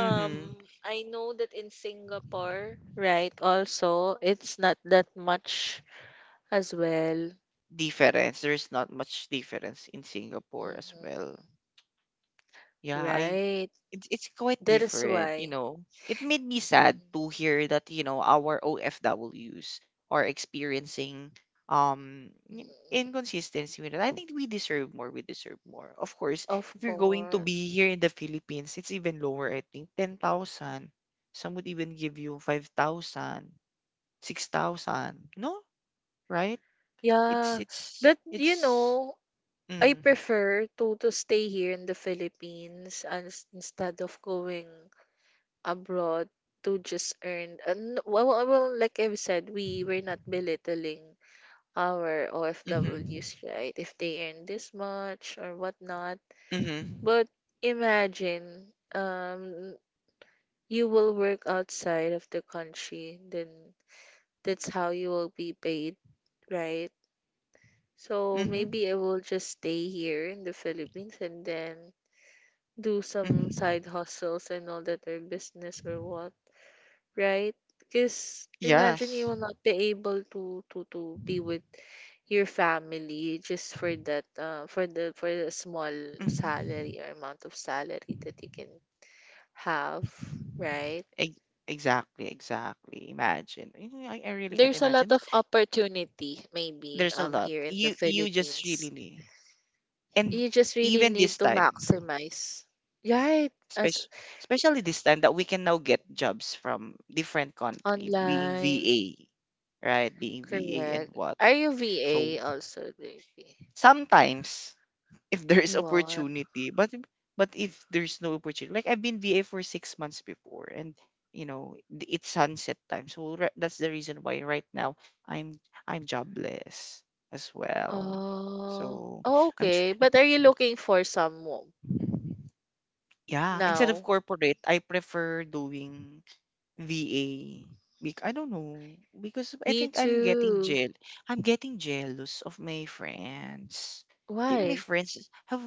Speaker 1: Mm-hmm.
Speaker 2: I know that in Singapore, right, also, it's not that much as well.
Speaker 1: Difference. There's not much difference in Singapore as well.
Speaker 2: hmm
Speaker 1: Yeah, I
Speaker 2: Right.
Speaker 1: it's quite
Speaker 2: That is
Speaker 1: different, you
Speaker 2: why.
Speaker 1: know. It made me sad
Speaker 2: Mhm,
Speaker 1: to hear that, our OFWs are experiencing
Speaker 2: mm.
Speaker 1: inconsistency with it. I think we deserve more. We deserve more. Of course,
Speaker 2: Of
Speaker 1: if you're going to be
Speaker 2: course.
Speaker 1: here in the Philippines, it's even lower, I think. 10,000. Some would even give you 5,000, 6,000. No? Right? It's
Speaker 2: Yeah,
Speaker 1: it's
Speaker 2: but you
Speaker 1: it's
Speaker 2: know, I
Speaker 1: mm.
Speaker 2: prefer to stay here in the Philippines and instead of going abroad to just earn. And well, like I've said, we're not belittling our
Speaker 1: Mhm.
Speaker 2: OFWs, right? If they earn this much or whatnot,
Speaker 1: Mhm.
Speaker 2: but imagine, you will work outside of the country, then that's how you will be paid, right? So
Speaker 1: Mhm.
Speaker 2: maybe I will just stay here in the Philippines and then do some
Speaker 1: Mhm.
Speaker 2: side hustles and all that or business or what, right? Because imagine you
Speaker 1: Yes.
Speaker 2: will not be able to be with your family just for that for the small
Speaker 1: Mhm.
Speaker 2: salary or amount of salary that you can have, right?
Speaker 1: Ex- Exactly, exactly. Imagine. Mhm, I really can't
Speaker 2: There's a
Speaker 1: imagine,
Speaker 2: lot
Speaker 1: but
Speaker 2: of opportunity maybe
Speaker 1: there's a lot.
Speaker 2: here in the
Speaker 1: You just really
Speaker 2: Philippines.
Speaker 1: need. And
Speaker 2: You just really
Speaker 1: even
Speaker 2: need
Speaker 1: this
Speaker 2: to
Speaker 1: time,
Speaker 2: maximize. Right, as
Speaker 1: especially especially this time that we can now get jobs from different country, being
Speaker 2: online.
Speaker 1: VA, right? Being VA and
Speaker 2: Correct.
Speaker 1: what.
Speaker 2: Are you
Speaker 1: So
Speaker 2: VA also, baby?
Speaker 1: sometimes if there is
Speaker 2: You are.
Speaker 1: opportunity. But if there's no opportunity, like I've been VA for 6 months before, and it's sunset time, so that's the reason why right now I'm I'm jobless as well.
Speaker 2: Oh,
Speaker 1: So
Speaker 2: oh,
Speaker 1: I'm tr-
Speaker 2: okay. But are you looking for someone
Speaker 1: yeah. Instead of
Speaker 2: now?
Speaker 1: corporate, I prefer doing VA. Bec I don't know, because I
Speaker 2: Me
Speaker 1: think I'm getting
Speaker 2: too.
Speaker 1: jeal I'm getting jealous of my friends. Think my
Speaker 2: Why?
Speaker 1: friends have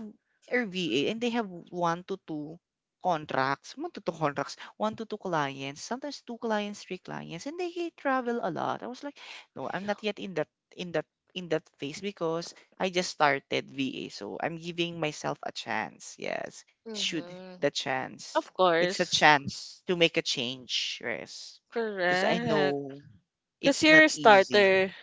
Speaker 1: are VA and they have 1 to 2 contracts, 1 to 2 contracts, 1 to 2 clients, sometimes 2 clients, 3 clients, and they travel a lot. I was like, "No, I'm not yet in that in that in that phase because I just started VA, so I'm giving myself a chance." Yes, should
Speaker 2: Mm-hmm.
Speaker 1: the chance.
Speaker 2: Of
Speaker 1: It's a
Speaker 2: course.
Speaker 1: chance to make a change, Rez. Because I
Speaker 2: Correct.
Speaker 1: know
Speaker 2: Because
Speaker 1: it's
Speaker 2: you're
Speaker 1: not
Speaker 2: a
Speaker 1: easy,
Speaker 2: starter,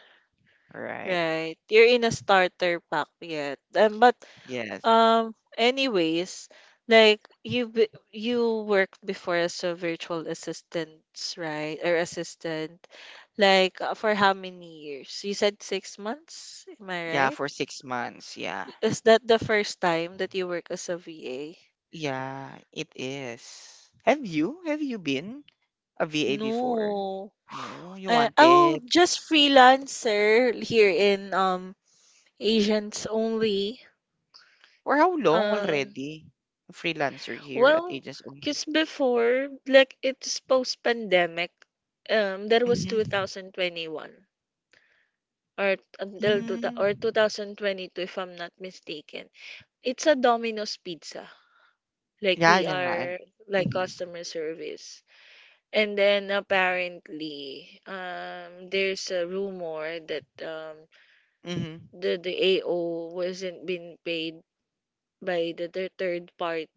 Speaker 1: right?
Speaker 2: right? You're in a starter pack yet. But
Speaker 1: Yes.
Speaker 2: Anyways, like you worked before as a virtual assistant, right? Or assistant. Like for how many years? You said 6 months, am I
Speaker 1: Yeah,
Speaker 2: right?
Speaker 1: for 6 months. Yeah.
Speaker 2: Is that the first time that you work as a VA?
Speaker 1: Yeah, it is. Have you? Have you been a VA before?
Speaker 2: No.
Speaker 1: No, you
Speaker 2: Oh,
Speaker 1: wanted.
Speaker 2: just freelancer here in Asians only.
Speaker 1: For how long
Speaker 2: Um
Speaker 1: already? A freelancer here at
Speaker 2: Well,
Speaker 1: Agents Only.
Speaker 2: because before, like it's post-pandemic, there was
Speaker 1: Mm-hmm.
Speaker 2: 2021 or until two,
Speaker 1: Mm-hmm.
Speaker 2: or 2022, if I'm not mistaken. It's a Domino's Pizza. Like
Speaker 1: Yeah,
Speaker 2: we
Speaker 1: yan na.
Speaker 2: are like
Speaker 1: Mm-hmm.
Speaker 2: customer service. And then apparently, there's a rumor that
Speaker 1: Mm-hmm.
Speaker 2: the AO wasn't being paid by the third party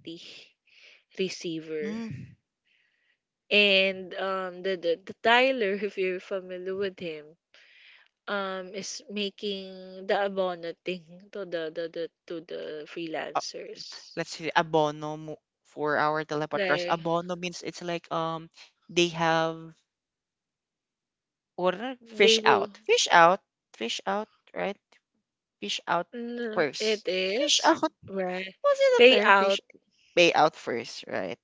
Speaker 2: receiver,
Speaker 1: Mm.
Speaker 2: and the Tyler, if you're familiar with him, is making the abono thing to the to the freelancers.
Speaker 1: Let's say abono for our telepodcast.
Speaker 2: Like
Speaker 1: Abono means it's like, they have what are
Speaker 2: they
Speaker 1: fish
Speaker 2: will.
Speaker 1: out, fish out, fish out, right? Fish out
Speaker 2: Mm, it
Speaker 1: first. Fish
Speaker 2: is.
Speaker 1: out.
Speaker 2: Right,
Speaker 1: Was it a term?
Speaker 2: payout.
Speaker 1: Fish Pay out first, right?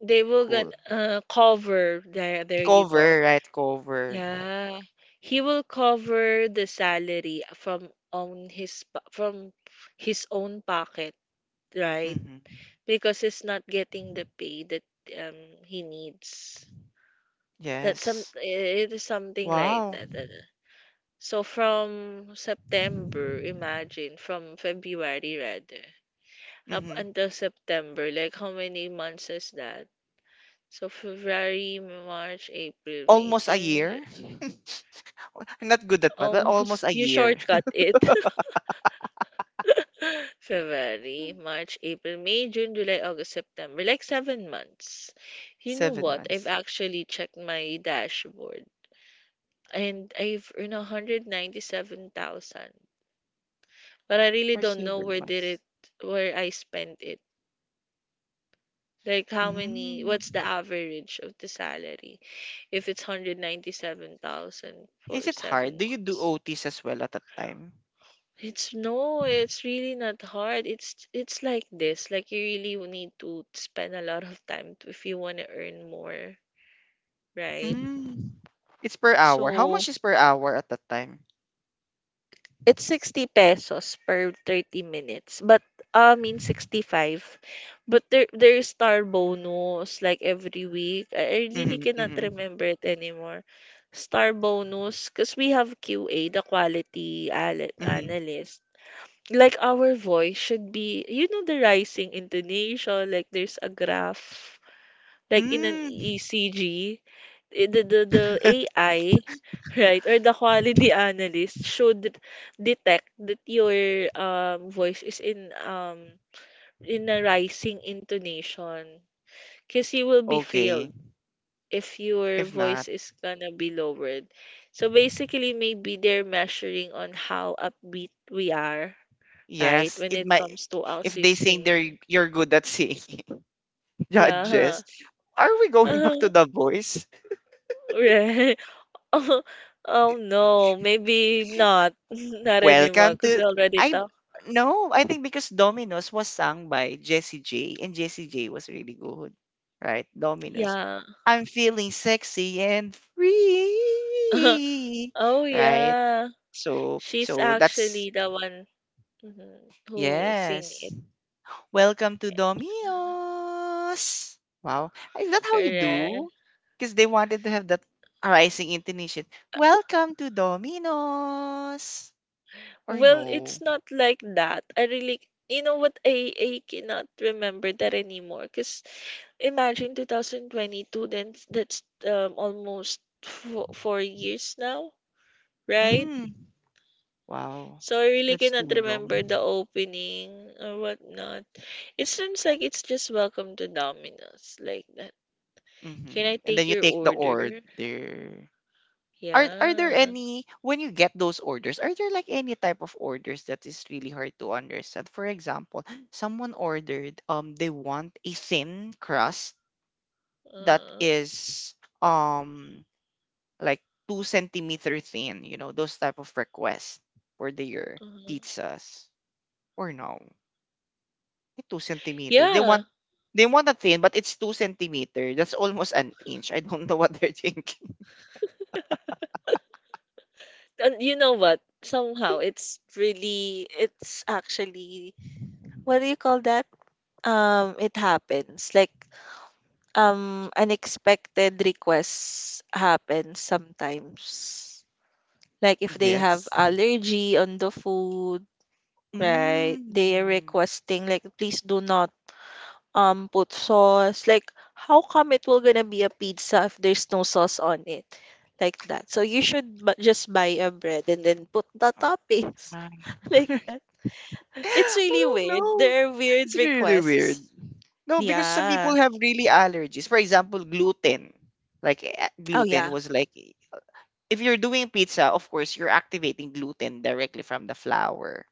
Speaker 2: They will gonna,
Speaker 1: Cool.
Speaker 2: cover. There you go.
Speaker 1: Cover, right? Cover.
Speaker 2: Yeah, he will cover the salary from on his from his own pocket, right?
Speaker 1: Mm-hmm.
Speaker 2: Because he's not getting the pay that he needs. That, some,
Speaker 1: Yes.
Speaker 2: it is something like
Speaker 1: Wow.
Speaker 2: that. That. So from September, imagine from February rather up
Speaker 1: Mm-hmm.
Speaker 2: until September, like how many months is that? So February, March, April, May,
Speaker 1: Almost a
Speaker 2: June,
Speaker 1: year. I'm not good at math, but almost
Speaker 2: almost.
Speaker 1: a
Speaker 2: You
Speaker 1: year.
Speaker 2: shortcut it. February, March, April, May, June, July, August, September, like 7 months. You know
Speaker 1: seven
Speaker 2: what? I've
Speaker 1: months.
Speaker 2: actually checked my dashboard, and I've earned 197,000. But I really
Speaker 1: For
Speaker 2: don't know
Speaker 1: seven months.
Speaker 2: where I spent it. Like how many
Speaker 1: Mm.
Speaker 2: what's the average of the salary if it's 197,000
Speaker 1: Is
Speaker 2: for
Speaker 1: it hard?
Speaker 2: 7
Speaker 1: Do you do
Speaker 2: months.
Speaker 1: OTs as well at that time?
Speaker 2: It's no, it's really not hard. It's like this. Like you really will need to spend a lot of time to, if you want to earn more, right?
Speaker 1: Mm. It's per hour. How
Speaker 2: So
Speaker 1: much is per hour at that time?
Speaker 2: it's 60 pesos per 30 minutes. But I mean 65. But there is star bonus like every week. I really
Speaker 1: Mm-hmm,
Speaker 2: cannot
Speaker 1: mm-hmm,
Speaker 2: remember it anymore. Star bonus because we have QA, the quality
Speaker 1: mm-hmm.
Speaker 2: analyst. Like our voice should be, the rising intonation, like there's a graph like in an
Speaker 1: Mm.
Speaker 2: ECG, the AI, right, or the quality analyst should detect that your voice is in a rising intonation, because you will be
Speaker 1: Okay.
Speaker 2: failed if your
Speaker 1: If not,
Speaker 2: voice is gonna be lowered. So basically, maybe they're measuring on how upbeat we are, right,
Speaker 1: yes,
Speaker 2: when
Speaker 1: it
Speaker 2: it
Speaker 1: might.
Speaker 2: comes to
Speaker 1: If they sing,
Speaker 2: assisting.
Speaker 1: they're you're good at singing,
Speaker 2: Yeah.
Speaker 1: judges, are we going back to The Voice?
Speaker 2: Right. Oh oh no, maybe not. Not anymore
Speaker 1: Welcome
Speaker 2: because we
Speaker 1: to.
Speaker 2: already
Speaker 1: I
Speaker 2: talked.
Speaker 1: No, I think because Domino's was sung by Jessie J, and Jessie J was really good. Right? Domino's.
Speaker 2: Yeah.
Speaker 1: I'm feeling sexy and free.
Speaker 2: Oh
Speaker 1: Right?
Speaker 2: yeah.
Speaker 1: So
Speaker 2: She's
Speaker 1: so that's
Speaker 2: actually the one mhm, who sing
Speaker 1: yes.
Speaker 2: it.
Speaker 1: Welcome to Domino's. Wow. Is that how you do?
Speaker 2: Correct.
Speaker 1: Because they wanted to have that rising intonation. Welcome to Domino's. Or
Speaker 2: Well,
Speaker 1: no.
Speaker 2: it's not like that. I really, you know what? I cannot remember that anymore. Cause imagine 2022. Then that's almost fo 4 years now, right?
Speaker 1: Mm. Wow,
Speaker 2: So I really
Speaker 1: that's
Speaker 2: cannot
Speaker 1: too
Speaker 2: remember
Speaker 1: long.
Speaker 2: the opening or whatnot. It seems like it's just welcome to Domino's like that. Can I
Speaker 1: Mhm, and
Speaker 2: take
Speaker 1: then you
Speaker 2: your
Speaker 1: take the order.
Speaker 2: order?
Speaker 1: Are there
Speaker 2: Yeah.
Speaker 1: any, when you get those orders, are there like any type of orders that is really hard to understand? For example, someone ordered, they want a thin crust that
Speaker 2: Uh-huh.
Speaker 1: is, um like 2 centimeter thin, those type of requests for their
Speaker 2: uh
Speaker 1: pizzas or no? 2 centimeter.
Speaker 2: Yeah.
Speaker 1: They want a thin, but it's 2 centimeter. That's almost an inch. I don't know what they're thinking.
Speaker 2: And you know what? Somehow it's actually, what do you call that? It happens. Like unexpected requests happen sometimes. Like if they have
Speaker 1: Yes.
Speaker 2: allergy on the food, right? They are
Speaker 1: Mm.
Speaker 2: requesting like please do not put sauce. Like, how come it will gonna be a pizza if there's no sauce on it? Like that. So you should just buy a bread and then put the
Speaker 1: Or
Speaker 2: toppings
Speaker 1: my.
Speaker 2: like that. It's
Speaker 1: I
Speaker 2: really
Speaker 1: don't
Speaker 2: weird.
Speaker 1: know.
Speaker 2: There are weird
Speaker 1: It's really
Speaker 2: requests.
Speaker 1: weird. No, because some
Speaker 2: Yeah.
Speaker 1: people have really allergies. For example, gluten. Like,
Speaker 2: Oh
Speaker 1: gluten
Speaker 2: yeah.
Speaker 1: was like, if you're doing pizza, of course, you're activating gluten directly from the flour,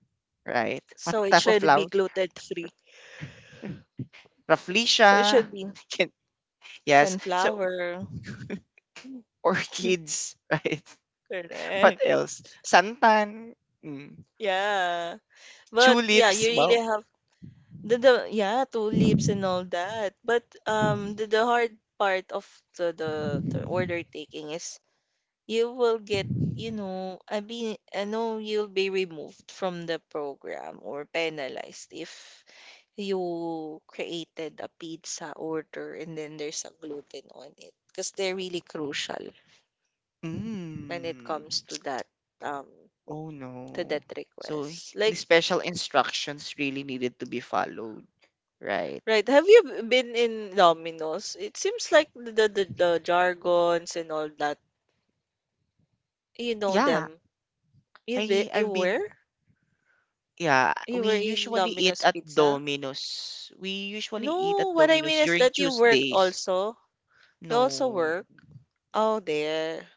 Speaker 1: right? What
Speaker 2: So it
Speaker 1: type of
Speaker 2: should be
Speaker 1: flour?
Speaker 2: gluten free. So it
Speaker 1: Rafflesia.
Speaker 2: should be
Speaker 1: Can- Yes. So
Speaker 2: sunflower.
Speaker 1: Orchids. Right? What
Speaker 2: Correct.
Speaker 1: else? Santan, mm.
Speaker 2: Yeah. But yeah, you
Speaker 1: Tulips, wow.
Speaker 2: really have the yeah, two lips and all that. But the hard part of the order taking is you will get, you know, I mean I know you'll be removed from the program or penalized if you created a pizza order and then there's a gluten on it because they're really crucial when it comes
Speaker 1: Mm.
Speaker 2: to that, um
Speaker 1: Oh
Speaker 2: to that
Speaker 1: no. So
Speaker 2: request.
Speaker 1: the
Speaker 2: Like.
Speaker 1: special instructions really needed to be followed, right?
Speaker 2: Right. Have you been in Domino's? It seems like the jargons and all that. You know
Speaker 1: Yeah,
Speaker 2: them. You
Speaker 1: I've been,
Speaker 2: were?
Speaker 1: yeah,
Speaker 2: You
Speaker 1: we
Speaker 2: were in
Speaker 1: usually eat
Speaker 2: Domino's
Speaker 1: at
Speaker 2: Pizza?
Speaker 1: Domino's. We usually eat
Speaker 2: No,
Speaker 1: at
Speaker 2: what I mean
Speaker 1: Domino's
Speaker 2: is
Speaker 1: during
Speaker 2: that you worked
Speaker 1: Tuesdays.
Speaker 2: also. You also
Speaker 1: No.
Speaker 2: work. Oh, there.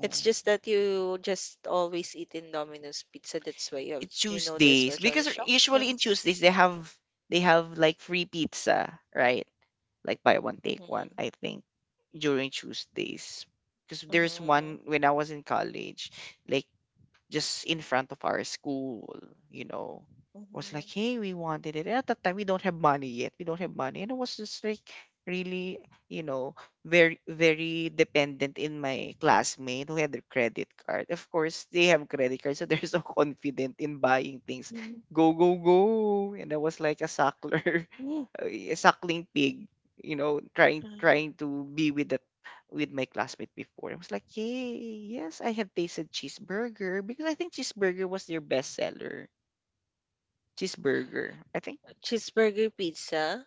Speaker 2: It's just that you just always eat in Domino's Pizza. That's why you have,
Speaker 1: It's
Speaker 2: you know, the
Speaker 1: Tuesdays
Speaker 2: special
Speaker 1: because usually in
Speaker 2: instructions.
Speaker 1: Tuesdays they have like free pizza, right? Like, buy one, take one,
Speaker 2: Mm-hmm.
Speaker 1: I think, during Tuesdays, because there's
Speaker 2: Mm-hmm.
Speaker 1: one when I was in college, like, just in front of our school, you know. Was
Speaker 2: Mm-hmm.
Speaker 1: like, hey, we wanted it. And at that time, we don't have money yet. We don't have money. And I was just like really, you know, very, very dependent in my classmate who had their credit card. Of course, they have credit cards, so they're so confident in buying things. Go, go, go. And I was like a suckler, a suckling pig, you know, trying
Speaker 2: Mm-hmm.
Speaker 1: trying to be with the with my classmate before. I was like, yay, yes, I have tasted cheeseburger because I think cheeseburger was their best seller. Cheeseburger. I think,
Speaker 2: Cheeseburger pizza.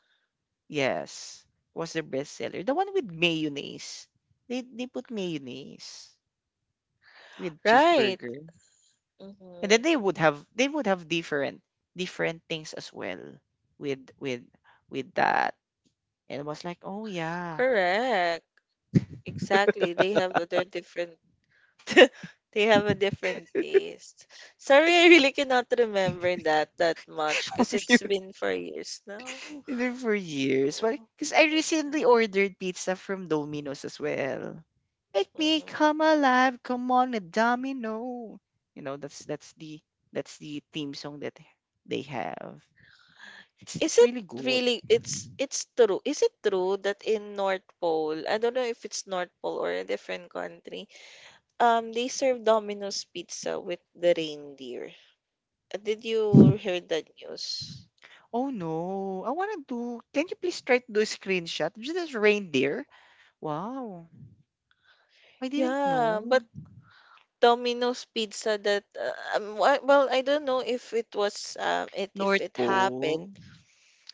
Speaker 1: yes, was their best seller. The one with mayonnaise. They put mayonnaise with
Speaker 2: Right.
Speaker 1: cheeseburger. And then
Speaker 2: Mm-hmm.
Speaker 1: they would have different things as well with with with that. And I was like, oh yeah.
Speaker 2: Correct. Exactly. They have other different they have a different taste. Sorry, I really cannot remember that that much because it's been for years now.
Speaker 1: And then for years, well,
Speaker 2: Oh.
Speaker 1: because I recently ordered pizza from Domino's as well. Make me come
Speaker 2: Mhm.
Speaker 1: alive, come on a domino. You know, that's the theme song that they have. It's
Speaker 2: Is
Speaker 1: it's
Speaker 2: it
Speaker 1: really good.
Speaker 2: really, it's true. Is it true that in North Pole, I don't know if it's North Pole or a different country, they serve Domino's pizza with the reindeer? Did you hear that news?
Speaker 1: Oh no, I wanna do, can you please try to do a screenshot? Is this reindeer? Wow. I didn't
Speaker 2: Yeah, but
Speaker 1: know.
Speaker 2: Domino's Pizza that, well, I don't know if it was it if
Speaker 1: North
Speaker 2: it happened.
Speaker 1: Pole.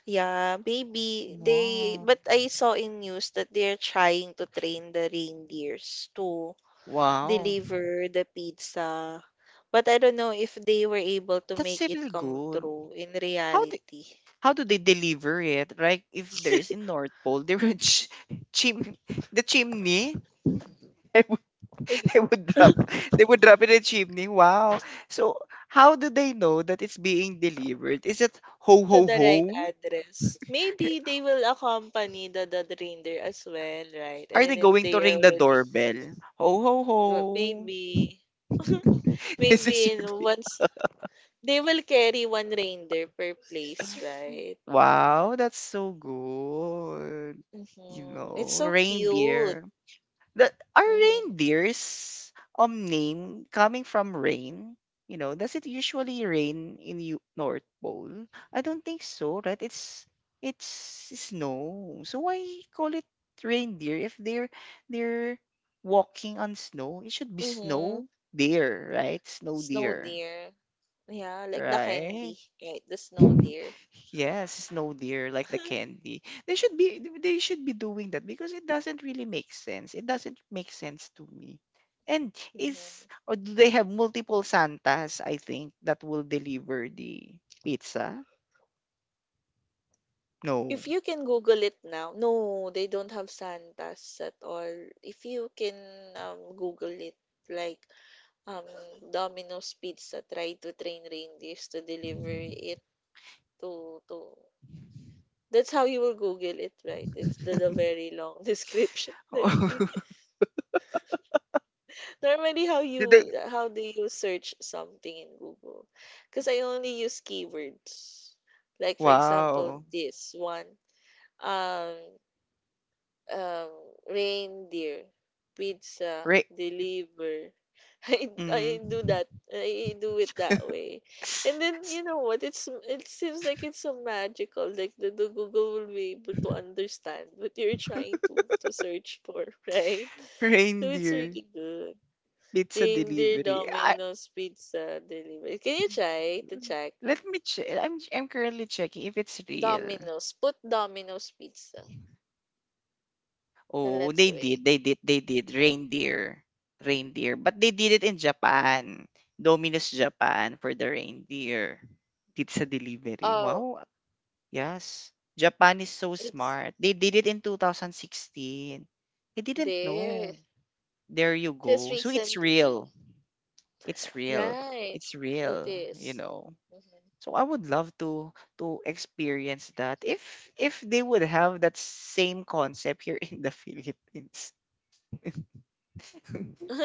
Speaker 2: Yeah, maybe they,
Speaker 1: Wow.
Speaker 2: but I saw in news that they're trying to train the reindeers to
Speaker 1: Wow.
Speaker 2: deliver the pizza. But I don't know if they were able to
Speaker 1: That's
Speaker 2: make it
Speaker 1: really
Speaker 2: come
Speaker 1: good.
Speaker 2: true in
Speaker 1: How do
Speaker 2: reality.
Speaker 1: how do they deliver it? Like if there is in North Pole, they would ch- chim the chimney.
Speaker 2: Ig-
Speaker 1: They would, they would drop they would drop it in the chimney. Wow. So how do they know that it's being delivered? Is it ho
Speaker 2: To
Speaker 1: ho
Speaker 2: the right
Speaker 1: ho?
Speaker 2: address. Maybe they will accompany the reindeer as well, right? And
Speaker 1: Are they
Speaker 2: then if
Speaker 1: going to
Speaker 2: they are
Speaker 1: ring the
Speaker 2: already,
Speaker 1: doorbell? Ho ho
Speaker 2: well,
Speaker 1: ho.
Speaker 2: maybe.
Speaker 1: this is
Speaker 2: Maybe
Speaker 1: your
Speaker 2: in once they will carry one reindeer per place, right?
Speaker 1: Wow, that's so good. You
Speaker 2: Mm-hmm. It's
Speaker 1: know,
Speaker 2: so cute.
Speaker 1: reindeer. That are
Speaker 2: Mm-hmm.
Speaker 1: reindeers name coming from rain? You know, does it usually rain in you North Pole? I don't think so, right? It's snow. So why call it reindeer if they're walking on snow? It should be
Speaker 2: Mm-hmm.
Speaker 1: snow deer, right? Snow
Speaker 2: Snow
Speaker 1: deer,
Speaker 2: deer. Yeah, like the
Speaker 1: right?
Speaker 2: candy, right? The snow deer.
Speaker 1: Yes, snow deer like the candy. They should be doing that because it doesn't really make sense. It doesn't make sense to me. And is
Speaker 2: Mm-hmm.
Speaker 1: or do they have multiple Santas, I think, that will deliver the pizza? No.
Speaker 2: If you can Google it now, no, they don't have Santas at all. If you can, Google it, like, um, Domino's Pizza, try to train reindeers to deliver it to that's how you will Google it, right? It's the very long description normally,
Speaker 1: Did they.
Speaker 2: how do you search something in Google? Because I only use keywords. Like for example,
Speaker 1: Wow.
Speaker 2: this one. Um, um, reindeer, pizza,
Speaker 1: Re-
Speaker 2: deliver, I
Speaker 1: mm.
Speaker 2: do that. I do it that way. And then you know what? It seems like it's so magical. Like the Google will be able to understand what you're trying to search for, right? So it's
Speaker 1: Reindeer
Speaker 2: really good.
Speaker 1: pizza
Speaker 2: Reindeer
Speaker 1: delivery.
Speaker 2: Domino's Pizza delivery. Can you try to check?
Speaker 1: Let me check. I'm currently checking if it's real.
Speaker 2: Domino's. Put Domino's Pizza. And
Speaker 1: Oh,
Speaker 2: let's wait.
Speaker 1: they did. Reindeer. Reindeer. But they did it in Japan. Domino's Japan for the reindeer. Pizza delivery.
Speaker 2: Oh,
Speaker 1: Wow. Yes. Japan is so
Speaker 2: it's
Speaker 1: smart. They did it in 2016. I didn't
Speaker 2: there.
Speaker 1: know. There you
Speaker 2: Just
Speaker 1: go. So it's
Speaker 2: recently.
Speaker 1: real. It's real.
Speaker 2: Right.
Speaker 1: It's
Speaker 2: It
Speaker 1: real, you
Speaker 2: is.
Speaker 1: know.
Speaker 2: Mhm.
Speaker 1: So I would love to experience that if they would have that same concept here in the Philippines.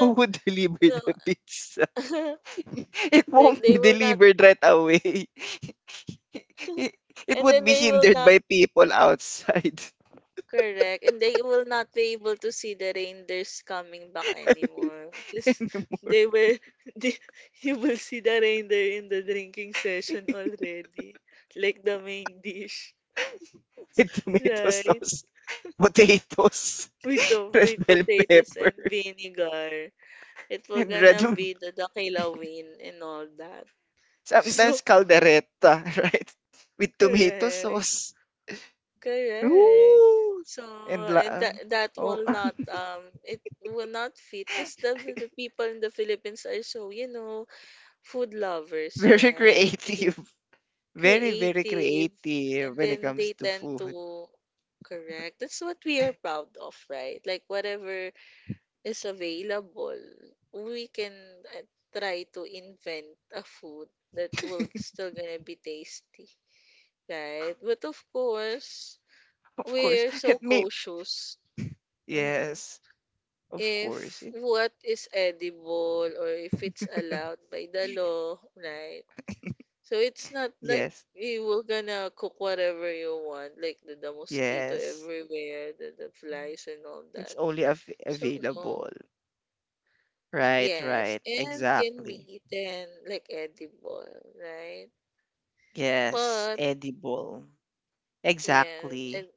Speaker 1: Who would deliver
Speaker 2: No.
Speaker 1: the pizza? It
Speaker 2: Like
Speaker 1: won't be
Speaker 2: they will not,
Speaker 1: delivered right away. It it
Speaker 2: and
Speaker 1: would
Speaker 2: then
Speaker 1: be
Speaker 2: they will
Speaker 1: hindered
Speaker 2: not,
Speaker 1: by people outside
Speaker 2: correct, and they will not be able to see the reindeers coming back anymore. Just
Speaker 1: anymore.
Speaker 2: they were they, you will see the reindeer in the drinking session already. Like the main dish.
Speaker 1: With tomato
Speaker 2: Right?
Speaker 1: sauce, potatoes,
Speaker 2: With the
Speaker 1: red
Speaker 2: with
Speaker 1: bell
Speaker 2: potatoes
Speaker 1: pepper,
Speaker 2: and vinegar. It will
Speaker 1: and red,
Speaker 2: gonna be the dakilawin and all that.
Speaker 1: sometimes
Speaker 2: So
Speaker 1: caldereta, right? With tomato
Speaker 2: correct.
Speaker 1: sauce.
Speaker 2: Correct.
Speaker 1: Ooh!
Speaker 2: So
Speaker 1: And
Speaker 2: that that
Speaker 1: oh,
Speaker 2: will not, it will not fit because the people in the Philippines are so, food lovers,
Speaker 1: very
Speaker 2: right? They
Speaker 1: creative. Very, very
Speaker 2: creative, and
Speaker 1: creative when it
Speaker 2: then they
Speaker 1: comes to
Speaker 2: tend
Speaker 1: food.
Speaker 2: to, correct, that's what we are proud of, right? Like whatever is available, we can, uh, try to invent a food that will still gonna be tasty, right? But of course,
Speaker 1: Of course,
Speaker 2: we're so
Speaker 1: it may.
Speaker 2: cautious. Mhm.
Speaker 1: Yes, of
Speaker 2: If
Speaker 1: course. It,
Speaker 2: what is edible or if it's allowed by the law, right? So it's not like
Speaker 1: yes,
Speaker 2: you were gonna cook whatever you want, like the mosquito
Speaker 1: yes.
Speaker 2: everywhere, the flies and all
Speaker 1: It's
Speaker 2: that.
Speaker 1: only av
Speaker 2: So no.
Speaker 1: available. Right,
Speaker 2: Yes,
Speaker 1: right.
Speaker 2: and can be
Speaker 1: Exactly.
Speaker 2: eaten, like edible, right?
Speaker 1: Yes,
Speaker 2: But
Speaker 1: edible.
Speaker 2: yeah, and
Speaker 1: Exactly.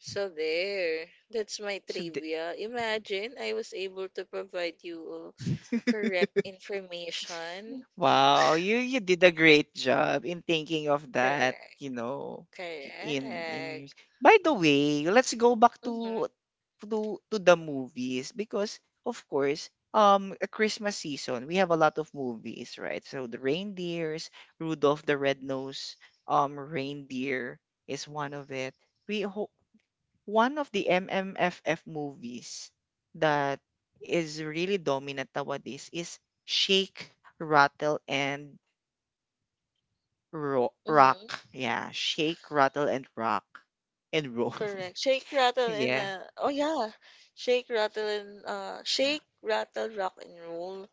Speaker 2: so there, that's my
Speaker 1: So, the.
Speaker 2: trivia. Imagine I was able to provide you, correct information.
Speaker 1: Wow, you did a great job in thinking of that,
Speaker 2: Correct.
Speaker 1: you know, in
Speaker 2: Correct.
Speaker 1: music. By the way, let's go back
Speaker 2: Mm-hmm.
Speaker 1: to the movies because of course, a Christmas season, we have a lot of movies, right? So the reindeers, Rudolph the Red-Nosed Reindeer is one of it. We ho- one of the MMFF movies that is really dominant nowadays is Shake, Rattle, and
Speaker 2: Mm-hmm.
Speaker 1: Rock. Yeah, Shake, Rattle, and Rock and Roll.
Speaker 2: Correct. Shake, rattle, and,
Speaker 1: yeah.
Speaker 2: oh yeah, shake, rattle, and, shake, rattle, rock, and roll.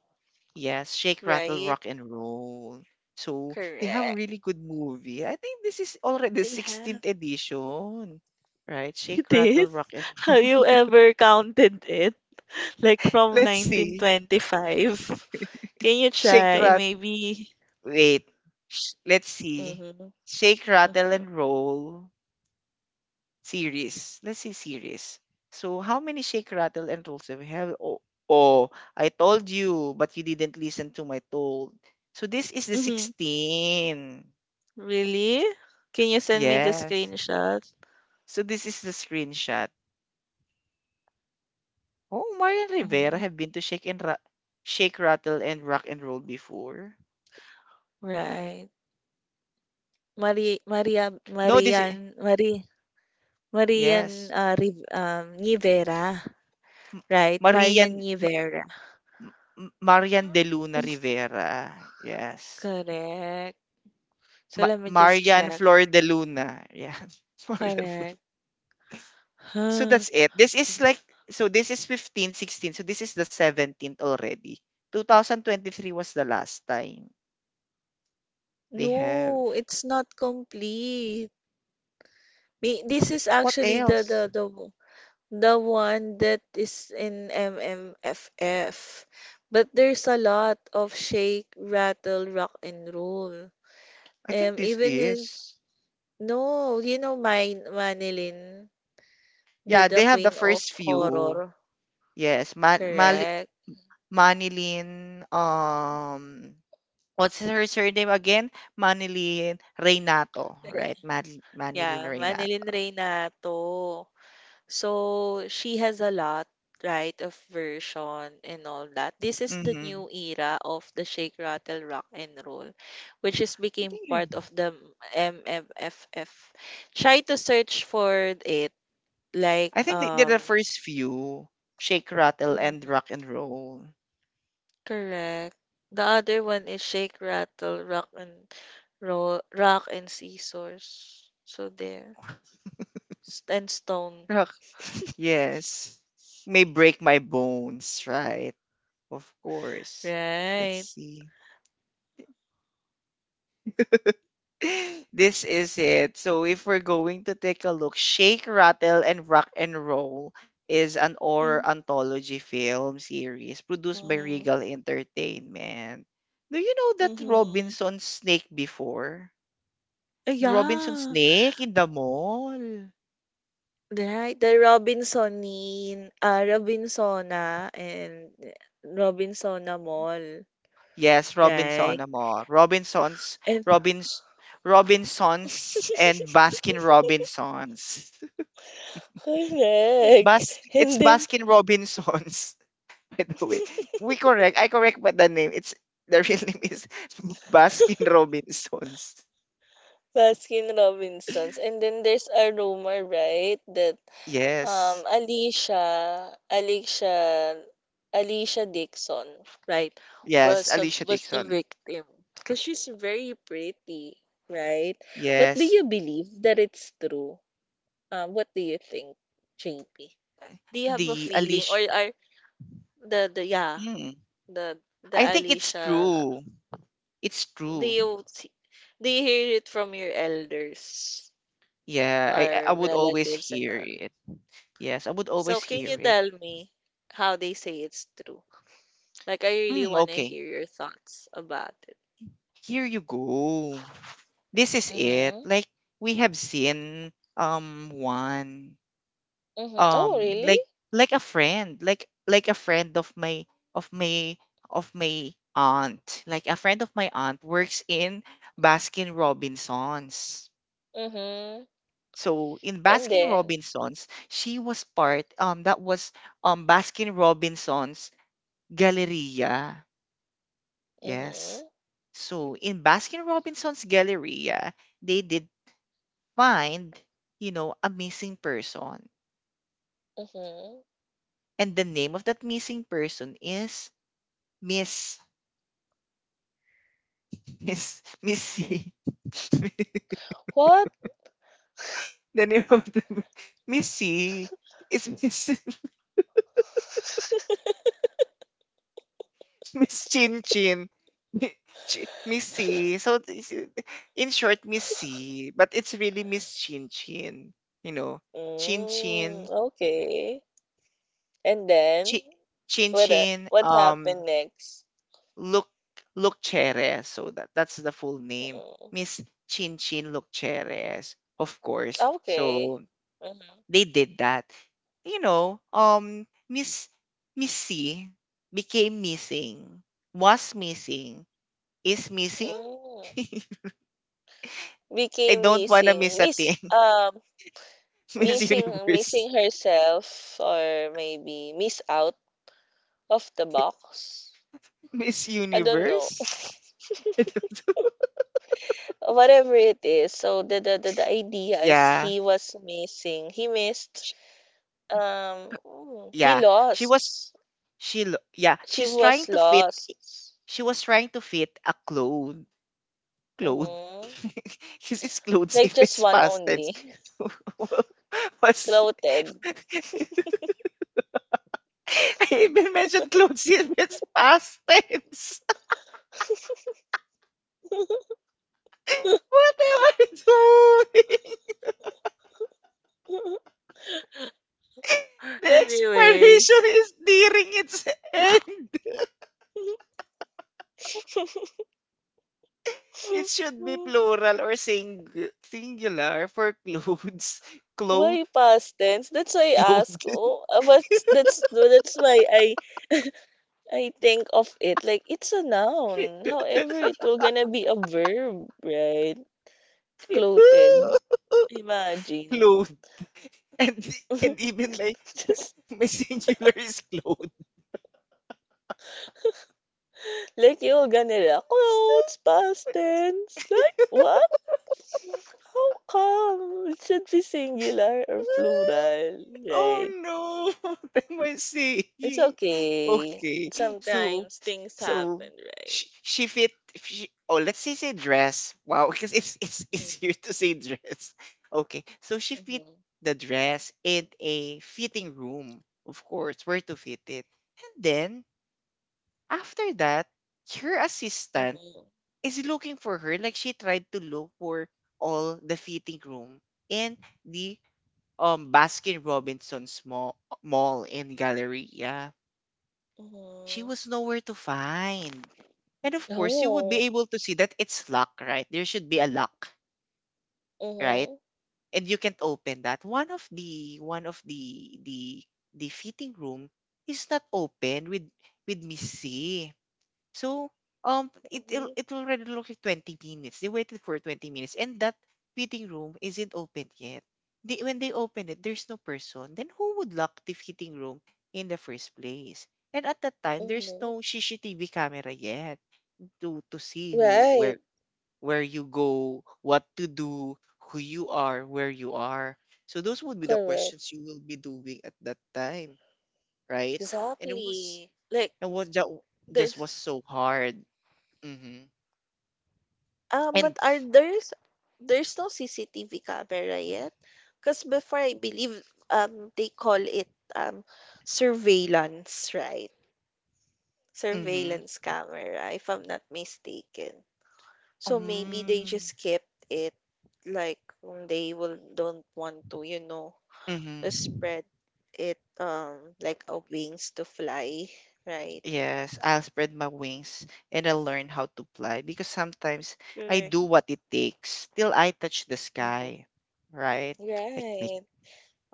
Speaker 1: Yes, Shake, Rattle,
Speaker 2: Right?
Speaker 1: Rock, and Roll. So they have
Speaker 2: Correct.
Speaker 1: really good movie. I think this is already the
Speaker 2: They have.
Speaker 1: 16th edition, right? Shake,
Speaker 2: It
Speaker 1: Rattle,
Speaker 2: is.
Speaker 1: Rock, and.
Speaker 2: Have you ever counted it? Like from
Speaker 1: Let's see.
Speaker 2: 1925? Can you
Speaker 1: Shake,
Speaker 2: try?
Speaker 1: Rattle.
Speaker 2: Maybe.
Speaker 1: Wait, let's see.
Speaker 2: Mhm,
Speaker 1: Shake, Rattle, and
Speaker 2: mhm,
Speaker 1: Roll series. Let's see series. So how many Shake, Rattle, and Rolls do we have? Oh, oh, I told you, but you didn't listen to my told. So this is the
Speaker 2: mhm.
Speaker 1: 16.
Speaker 2: Really? Can you send me the
Speaker 1: Yes.
Speaker 2: screenshot?
Speaker 1: So this is the screenshot. Oh, Marian Rivera
Speaker 2: Mhm.
Speaker 1: have been to Shake, Rattle, and Rock and Roll before.
Speaker 2: Right. Mari Maria
Speaker 1: No, this
Speaker 2: Marian
Speaker 1: is...
Speaker 2: Mari Marian
Speaker 1: Yes.
Speaker 2: Riv- Rivera,
Speaker 1: M-
Speaker 2: right?
Speaker 1: Marian
Speaker 2: Marian Rivera.
Speaker 1: Marian de Luna Rivera. Yes.
Speaker 2: Correct. So
Speaker 1: Ma
Speaker 2: let me just
Speaker 1: Marian
Speaker 2: check.
Speaker 1: Flor de Luna. Yeah. Marian Flor.
Speaker 2: Correct.
Speaker 1: So
Speaker 2: Huh.
Speaker 1: that's it. This is like so this is 15, 16. So this is the 17th already. 2023 was the last time they have.
Speaker 2: No, it's not complete. This is
Speaker 1: What
Speaker 2: actually the the
Speaker 1: else?
Speaker 2: the the one that is in MMFF. But there's a lot of shake, rattle, rock and roll.
Speaker 1: I think
Speaker 2: Um,
Speaker 1: this
Speaker 2: even if
Speaker 1: is.
Speaker 2: no, you know my Manilyn, the
Speaker 1: Yeah,
Speaker 2: the
Speaker 1: they have the
Speaker 2: queen of
Speaker 1: first few.
Speaker 2: horror,
Speaker 1: Yes,
Speaker 2: correct?
Speaker 1: Manilyn what's her surname again? Manilyn Reynato,
Speaker 2: Correct.
Speaker 1: right? Manilyn
Speaker 2: Yeah, Manilyn
Speaker 1: Reynato.
Speaker 2: Reynato. So she has a lot, right, of version and all that. This is the
Speaker 1: Mhm.
Speaker 2: new era of the Shake Rattle Rock and Roll, which is became part of the MMFF. Try to search for it, like
Speaker 1: I think they did the first few. Shake, rattle, and
Speaker 2: mhm,
Speaker 1: rock and roll.
Speaker 2: correct. The other one is Shake Rattle Rock and Roll, Rock and Scissors. So there, and Stone,
Speaker 1: Rock, yes. May break my bones, right? Of course. Let's
Speaker 2: right?
Speaker 1: see. this is it. So if we're going to take a look, Shake, Rattle, and Rock and Roll is an
Speaker 2: Mm-hmm.
Speaker 1: horror anthology film series produced by Regal Entertainment. Do you know that
Speaker 2: Mm-hmm.
Speaker 1: Robinson Snake before? Robinsons
Speaker 2: Yeah.
Speaker 1: Snake in the mall.
Speaker 2: Right, the Robinsonin, ah, Robinsona and Robinsona Mall,
Speaker 1: Yes,
Speaker 2: right?
Speaker 1: Robinsona Mall.
Speaker 2: And
Speaker 1: Robins, Robinsons, and Baskin Robinsons.
Speaker 2: correct.
Speaker 1: It's
Speaker 2: And then
Speaker 1: Baskin Robinsons. By the way, we correct. I correct, but the name it's the real name is Baskin Robinsons.
Speaker 2: Baskin Robinsons. And then there's a rumor, right, that
Speaker 1: Yes,
Speaker 2: um Alicia, Alicia, Alicia Dixon, right,
Speaker 1: yes,
Speaker 2: was a,
Speaker 1: Alicia
Speaker 2: was the
Speaker 1: Dixon.
Speaker 2: victim because she's very pretty, right? But do
Speaker 1: Yes,
Speaker 2: you believe that it's true? What do you think, JP? Do you have a
Speaker 1: the
Speaker 2: feeling or
Speaker 1: Alicia.
Speaker 2: are the yeah
Speaker 1: Hmm.
Speaker 2: the the
Speaker 1: I think it's
Speaker 2: Alicia?
Speaker 1: true. It's
Speaker 2: Do
Speaker 1: true.
Speaker 2: you see- do you hear it from your elders?
Speaker 1: Yeah, I
Speaker 2: Our
Speaker 1: would always
Speaker 2: relatives and
Speaker 1: hear
Speaker 2: all.
Speaker 1: it. Yes, I would always
Speaker 2: So can you
Speaker 1: hear it.
Speaker 2: tell me how they say it's true? Like I really
Speaker 1: Hmm,
Speaker 2: want to
Speaker 1: okay.
Speaker 2: hear your thoughts about it.
Speaker 1: Here you go. This is it.
Speaker 2: Mm-hmm.
Speaker 1: Like we have seen one
Speaker 2: Mm-hmm. Oh, really?
Speaker 1: like like a friend of my of my of my aunt. Like a friend of my aunt works in Baskin Robinsons.
Speaker 2: Mm-hmm.
Speaker 1: So in
Speaker 2: And
Speaker 1: Baskin
Speaker 2: then,
Speaker 1: Robinsons, she was part that was Baskin Robinsons Galleria. Yes.
Speaker 2: mm-hmm.
Speaker 1: So in Baskin-Robinson's Galleria, they did find, you know, a missing person.
Speaker 2: Mm-hmm.
Speaker 1: And the name of that missing person is Miss Miss Missy.
Speaker 2: What?
Speaker 1: the name of the Missy is Miss Miss Chin Chin. Mi- Miss C. So this is- in short, Miss C. But it's really Miss Chin Chin. You know, Chin Chin.
Speaker 2: Mm, okay. And then,
Speaker 1: Chi- Chin
Speaker 2: what?
Speaker 1: Chin,
Speaker 2: What happened next?
Speaker 1: Luc Luccheres. So that that's the full name.
Speaker 2: Mm,
Speaker 1: Miss Chin Chinchin Luccheres, of course.
Speaker 2: okay.
Speaker 1: So
Speaker 2: Mm-hmm.
Speaker 1: they did that. You know, Miss Miss C became missing, was missing, is missing.
Speaker 2: Mm.
Speaker 1: I
Speaker 2: Became
Speaker 1: don't wanna
Speaker 2: missing.
Speaker 1: miss a
Speaker 2: Miss.
Speaker 1: thing. Miss
Speaker 2: Missing
Speaker 1: Universe.
Speaker 2: missing herself or maybe miss out of the box.
Speaker 1: Miss
Speaker 2: I don't know.
Speaker 1: Universe? I don't-
Speaker 2: Whatever it is. So the idea is
Speaker 1: yeah.
Speaker 2: he was missing. He missed
Speaker 1: sh-
Speaker 2: he
Speaker 1: Yeah. She was
Speaker 2: lost.
Speaker 1: yeah,
Speaker 2: She was lost.
Speaker 1: she was trying to fit a clone clothes.
Speaker 2: Mm-hmm.
Speaker 1: She's it's clothes
Speaker 2: Like
Speaker 1: if
Speaker 2: just
Speaker 1: it's
Speaker 2: one
Speaker 1: past tense.
Speaker 2: only.
Speaker 1: What's.
Speaker 2: Clothed.
Speaker 1: I even mentioned clothes if it's past tense. What am I doing? The expiration
Speaker 2: Anyways.
Speaker 1: is nearing its end. It should be plural or singular for clothes. Cloth,
Speaker 2: Why past tense? That's why I ask.
Speaker 1: clothed.
Speaker 2: Oh, what's that's my I think of it like it's a noun. However, it will gonna be a verb, right? Clothed. Imagine.
Speaker 1: Clothed. And, and even my
Speaker 2: Just
Speaker 1: my singular is clothes.
Speaker 2: like you're gonna like, clothes, past tense. Like what? How come? It should be singular or plural, right?
Speaker 1: Oh no, what am I
Speaker 2: It's
Speaker 1: saying?
Speaker 2: okay.
Speaker 1: Okay, so
Speaker 2: Sometimes things
Speaker 1: so
Speaker 2: happen, right?
Speaker 1: she fit she, oh let's say dress. Wow, because it's easier to say dress. Okay, so she fit
Speaker 2: Mm-hmm.
Speaker 1: the dress in a fitting room, of course, where to fit it. And then after that, her assistant
Speaker 2: Mm-hmm.
Speaker 1: is looking for her like she tried to look for all the fitting room and the Baskin Robinson's mall, mall in Galleria, she
Speaker 2: Mm-hmm.
Speaker 1: was nowhere to find. And of course, you would be
Speaker 2: Oh.
Speaker 1: able to see that it's locked, right? There should be a lock, right?
Speaker 2: Mm-hmm.
Speaker 1: And you can't open that. One of the fitting room is not open with Miss C. So,
Speaker 2: Mm-hmm.
Speaker 1: it will already look like 20 minutes. They waited for 20 minutes, and that fitting room isn't open yet. They, when they open it, there's no person. Then who would lock the fitting room in the first place? And at that time, there's
Speaker 2: Mm-hmm.
Speaker 1: no CCTV camera yet to see who
Speaker 2: Right.
Speaker 1: where you go, what to do, who you are, where you are. So those would be the
Speaker 2: Correct.
Speaker 1: questions you will be doing at that time, right? And
Speaker 2: Exactly. Like
Speaker 1: it was just was
Speaker 2: there's
Speaker 1: so hard. Mm-hmm.
Speaker 2: but
Speaker 1: And
Speaker 2: are there's no CCTV camera yet? Because before I believe they call it um surveillance, right?
Speaker 1: mhm.
Speaker 2: Surveillance camera, if I'm not mistaken. So maybe they
Speaker 1: Um,
Speaker 2: just kept it like they will don't want to, you know,
Speaker 1: mhm.
Speaker 2: spread it like a wings to fly, right?
Speaker 1: Yes, I'll spread my wings and I'll learn how to fly because sometimes I
Speaker 2: Correct.
Speaker 1: do what it takes till I touch the
Speaker 2: Mhm.
Speaker 1: sky, right? Like make
Speaker 2: Right.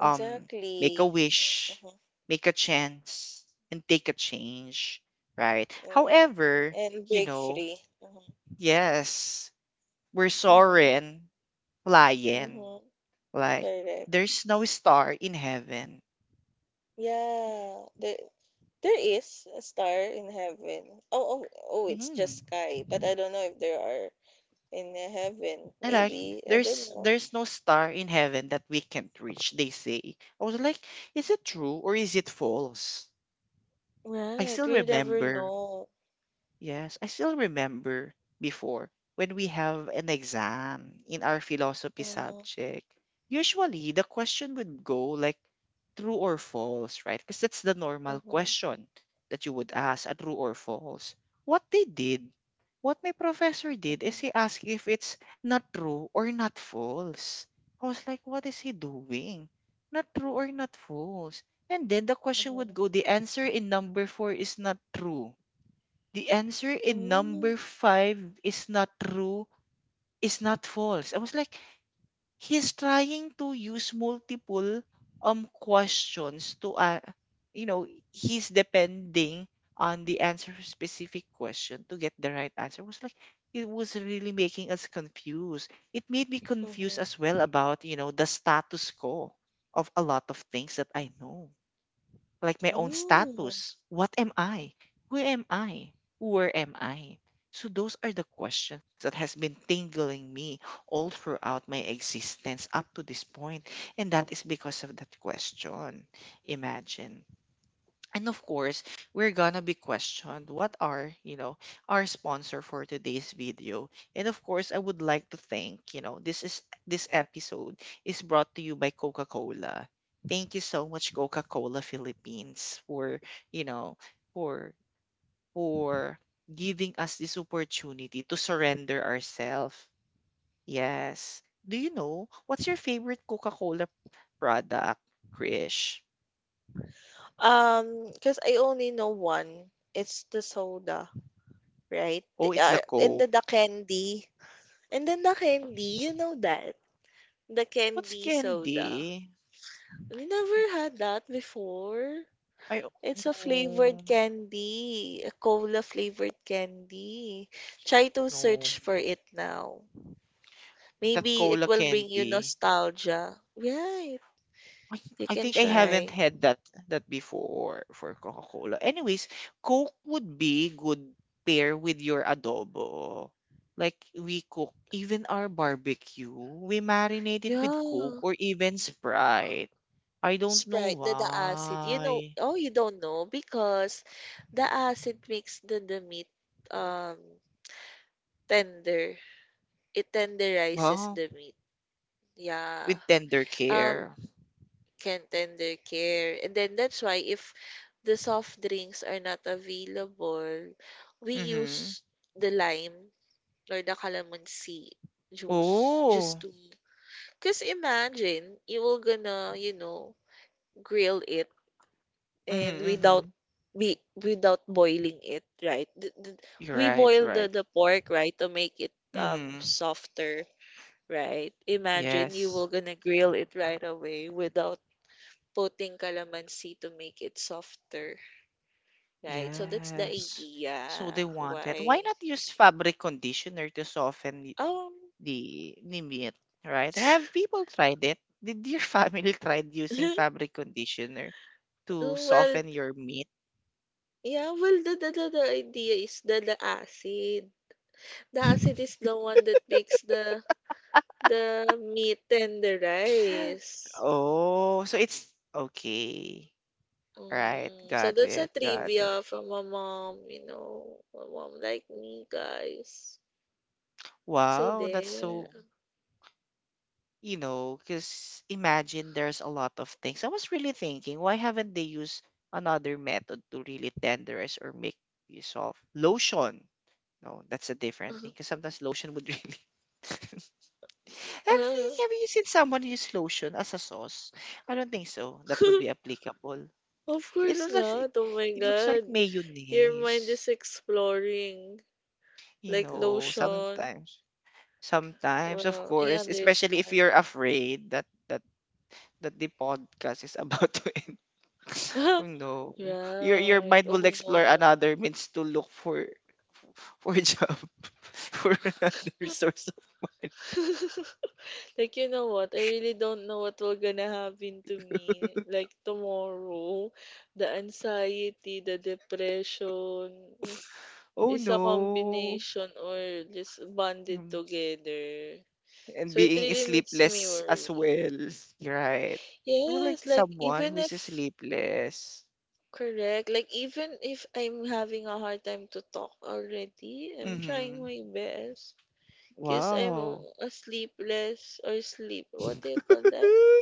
Speaker 1: um make a wish,
Speaker 2: Mhm,
Speaker 1: make a chance, and take a change, right?
Speaker 2: mhm.
Speaker 1: However,
Speaker 2: And
Speaker 1: you
Speaker 2: break
Speaker 1: know,
Speaker 2: free. Mhm,
Speaker 1: yes, we're
Speaker 2: mhm,
Speaker 1: soaring, flying,
Speaker 2: mhm.
Speaker 1: like
Speaker 2: Correct.
Speaker 1: there's no star in heaven.
Speaker 2: Yeah, there is a star in heaven. Oh, oh, oh, it's
Speaker 1: Mm-hmm.
Speaker 2: just sky, but I don't know if there are in heaven.
Speaker 1: I like
Speaker 2: Maybe, I don't
Speaker 1: there's
Speaker 2: know.
Speaker 1: there's no star in heaven that we can't reach, they say. I was like, is it true or is it false? I
Speaker 2: Right,
Speaker 1: still
Speaker 2: we'll never
Speaker 1: remember.
Speaker 2: know.
Speaker 1: Yes, I still remember before when we have an exam in our philosophy
Speaker 2: Mhm,
Speaker 1: subject. Usually, the question would go like true or false, right? Because that's the normal
Speaker 2: mhm,
Speaker 1: question that you would ask a true or false. What they did, what my professor did, is
Speaker 2: mhm,
Speaker 1: he asked if it's not true or not false. I was like, what is he doing? Not true or not false. And then the question
Speaker 2: mhm.
Speaker 1: would go, the answer in number four is not true, the answer in
Speaker 2: Mm,
Speaker 1: number five is not true, is not false. I was like, he's trying to use multiple questions to you know, he's depending on the answer of specific question to get the right answer. I was like, it was really making us confused. It made me confused
Speaker 2: mhm,
Speaker 1: as well about, you know, the status quo of a lot of things that I know, like my own
Speaker 2: mm.
Speaker 1: status. What am I? Who am I? Where am I? So those are the questions that has been tingling me all throughout my existence up to this point, and that is because of that question. Imagine. And of course, we're gonna be questioned what are, you know, our sponsor for today's video. And of course, I would like to thank, you know, this episode is brought to you by Coca-Cola. Thank you so much, Coca-Cola Philippines, for, you know, for for giving us this opportunity to surrender ourselves. Yes. Do you know what's your favorite Coca-Cola product, Krish?
Speaker 2: Because I only know one. It's the soda. Right?
Speaker 1: Oh, it's the
Speaker 2: And
Speaker 1: Coke.
Speaker 2: then the candy. And then the candy, you know that. The
Speaker 1: What's
Speaker 2: candy soda.
Speaker 1: candy?
Speaker 2: We never had that before.
Speaker 1: I o
Speaker 2: It's a flavored
Speaker 1: no,
Speaker 2: candy, a cola flavored candy. Try to
Speaker 1: no.
Speaker 2: search for it now.
Speaker 1: That
Speaker 2: Maybe it
Speaker 1: cola
Speaker 2: will bring you
Speaker 1: candy.
Speaker 2: nostalgia. Right.
Speaker 1: I
Speaker 2: You
Speaker 1: I
Speaker 2: can
Speaker 1: think I haven't
Speaker 2: try.
Speaker 1: had that before for Coca-Cola. Anyways, Coke would be good pair with your adobo. Like we cook even our barbecue, we marinate it with Coke
Speaker 2: Yeah.
Speaker 1: or even Sprite. I don't know
Speaker 2: Sprite, the acid. You know,
Speaker 1: why.
Speaker 2: oh, you don't know because the acid makes the meat um Tender. It tenderizes
Speaker 1: Well,
Speaker 2: the meat. Yeah.
Speaker 1: with tender
Speaker 2: Um,
Speaker 1: care.
Speaker 2: can tender care. And then that's why if the soft drinks are not available, we
Speaker 1: Mm-hmm.
Speaker 2: use the lime or the calamansi juice just
Speaker 1: Oh.
Speaker 2: to because imagine you will gonna, you know, grill it
Speaker 1: Mm-hmm,
Speaker 2: and without
Speaker 1: mm-hmm.
Speaker 2: be without boiling it, right?
Speaker 1: You're
Speaker 2: We
Speaker 1: right,
Speaker 2: boil the,
Speaker 1: right.
Speaker 2: the pork, right, to make it
Speaker 1: Mm-hmm.
Speaker 2: softer. Right. Imagine you
Speaker 1: Yes.
Speaker 2: were gonna grill it right away without putting calamansi to make it softer. Right. So that's the
Speaker 1: Yes. So they
Speaker 2: idea
Speaker 1: wanted, why
Speaker 2: why.
Speaker 1: not use fabric conditioner to soften the,
Speaker 2: Um.
Speaker 1: the, the meat, right? Have people tried it? Did your family tried using fabric conditioner to
Speaker 2: Well,
Speaker 1: soften your meat?
Speaker 2: yeah. Well, the idea is the acid. The acid is the one that makes the meat and the rice.
Speaker 1: Oh, so it's okay. Right,
Speaker 2: Mm, so
Speaker 1: got
Speaker 2: that's a
Speaker 1: it, got it.
Speaker 2: trivia from a mom, you know, a mom like me, guys. So
Speaker 1: Wow, that's
Speaker 2: there.
Speaker 1: so, because imagine there's a lot of things. I was really thinking, why haven't they used another method to really tenderize or make use of lotion? No, that's a different thing. Because sometimes lotion would really have,
Speaker 2: Uh,
Speaker 1: they- have you seen someone use lotion as a sauce? I don't think so. That would be applicable.
Speaker 2: of
Speaker 1: It
Speaker 2: course
Speaker 1: looks like,
Speaker 2: not. Oh my
Speaker 1: it looks like
Speaker 2: God. Your mind is
Speaker 1: mayonnaise.
Speaker 2: exploring.
Speaker 1: You
Speaker 2: Like
Speaker 1: know,
Speaker 2: lotion.
Speaker 1: sometimes, sometimes, of
Speaker 2: Well, I
Speaker 1: course, especially if you're
Speaker 2: understand.
Speaker 1: afraid that that the podcast is about to end. Oh no. Your
Speaker 2: Right.
Speaker 1: mind will
Speaker 2: Oh
Speaker 1: explore
Speaker 2: no.
Speaker 1: another means to look for, a job, for another source of money.
Speaker 2: Like, you know what? I really don't know what will gonna happen to me. Like, tomorrow, the anxiety, the depression
Speaker 1: Oh
Speaker 2: is a
Speaker 1: no.
Speaker 2: combination or just bonded
Speaker 1: Mm.
Speaker 2: together.
Speaker 1: And
Speaker 2: So, it
Speaker 1: being
Speaker 2: really makes me
Speaker 1: sleepless as
Speaker 2: worry.
Speaker 1: well. You're right. You would like
Speaker 2: Yes, like
Speaker 1: someone
Speaker 2: even
Speaker 1: who's
Speaker 2: if
Speaker 1: sleepless.
Speaker 2: correct, like even if I'm having a hard time to talk already, I'm trying
Speaker 1: Mm-hmm.
Speaker 2: my best. Cause I'm
Speaker 1: Wow.
Speaker 2: a sleepless or sleep. What do you call that?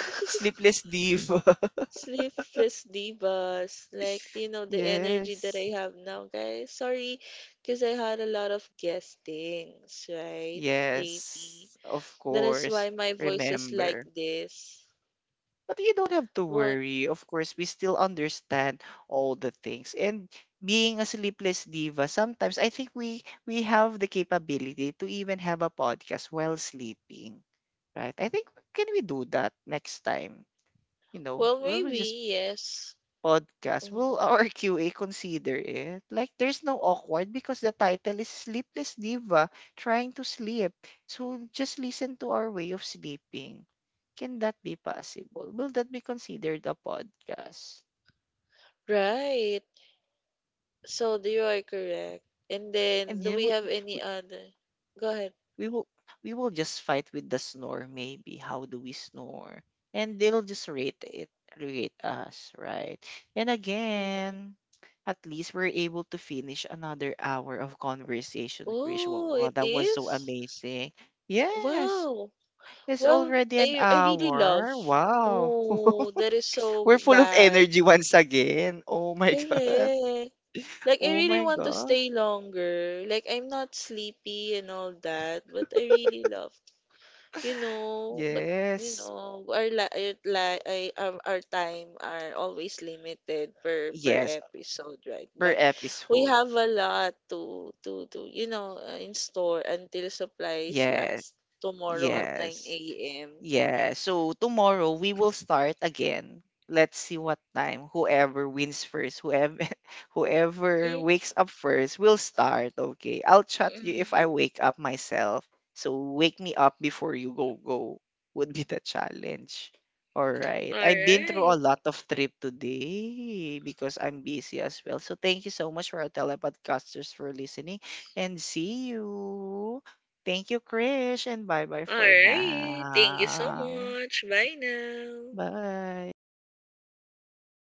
Speaker 1: Sleepless diva.
Speaker 2: Sleepless divas. Like you know the energy that I
Speaker 1: Yes.
Speaker 2: have now, guys. Sorry, cause I had a lot of guestings, right? Maybe
Speaker 1: Yes. Of
Speaker 2: that is why
Speaker 1: course.
Speaker 2: my voice is like
Speaker 1: Remember.
Speaker 2: this.
Speaker 1: But you don't have to
Speaker 2: What?
Speaker 1: worry. Of course, we still understand all the things. And being a sleepless diva, sometimes I think we have the capability to even have a podcast while sleeping, right? I think, can we do that next time? You know,
Speaker 2: Well,
Speaker 1: we'll
Speaker 2: maybe
Speaker 1: just
Speaker 2: yes.
Speaker 1: podcast, will
Speaker 2: Mhm.
Speaker 1: our QA consider it? Like, there's no awkward because the title is Sleepless Diva Trying to Sleep. So just listen to our way of sleeping. Can that be possible? Will that be considered a podcast?
Speaker 2: Right. So you are correct. And
Speaker 1: And
Speaker 2: then, do
Speaker 1: you
Speaker 2: we
Speaker 1: know,
Speaker 2: have any other? Go ahead.
Speaker 1: we will we will just fight with the snore, maybe how do we snore, and they'll just rate us, right? And
Speaker 2: Mhm.
Speaker 1: again, at least we're able to finish another hour of conversation. Krish, wow,
Speaker 2: Oh,
Speaker 1: wow,
Speaker 2: it
Speaker 1: that was so
Speaker 2: is?
Speaker 1: amazing. Yes,
Speaker 2: Wow.
Speaker 1: it's
Speaker 2: Well,
Speaker 1: already an
Speaker 2: I really love.
Speaker 1: hour. Wow,
Speaker 2: Oh, that is so
Speaker 1: we're full of
Speaker 2: bad.
Speaker 1: energy once again. Oh my god.
Speaker 2: Correct. Like I
Speaker 1: Oh
Speaker 2: really
Speaker 1: my
Speaker 2: want to
Speaker 1: god.
Speaker 2: stay longer. Like I'm not sleepy and all that, but I really love you know, but you
Speaker 1: Yes.
Speaker 2: know, our time are always limited per per
Speaker 1: Yes,
Speaker 2: episode, right?
Speaker 1: per
Speaker 2: But we
Speaker 1: episode.
Speaker 2: have a lot to you know in store until supplies
Speaker 1: Yes.
Speaker 2: last tomorrow at
Speaker 1: Yes.
Speaker 2: 9 a.m.
Speaker 1: Yeah, so tomorrow we will start again. Let's see what time. Whoever wins first, whoever whoever wakes up first will start. Okay. I'll chat you if
Speaker 2: Mm-hmm.
Speaker 1: I wake up myself. So wake me up before you go would be the challenge. All right.
Speaker 2: All
Speaker 1: I've been through
Speaker 2: right.
Speaker 1: a lot of trip today because I'm busy as well. So thank you so much for our telepodcasters for listening and see you. Thank you, Krish, and bye-bye
Speaker 2: All
Speaker 1: for
Speaker 2: right. Thank you so
Speaker 1: now.
Speaker 2: much. Bye now.
Speaker 1: Bye.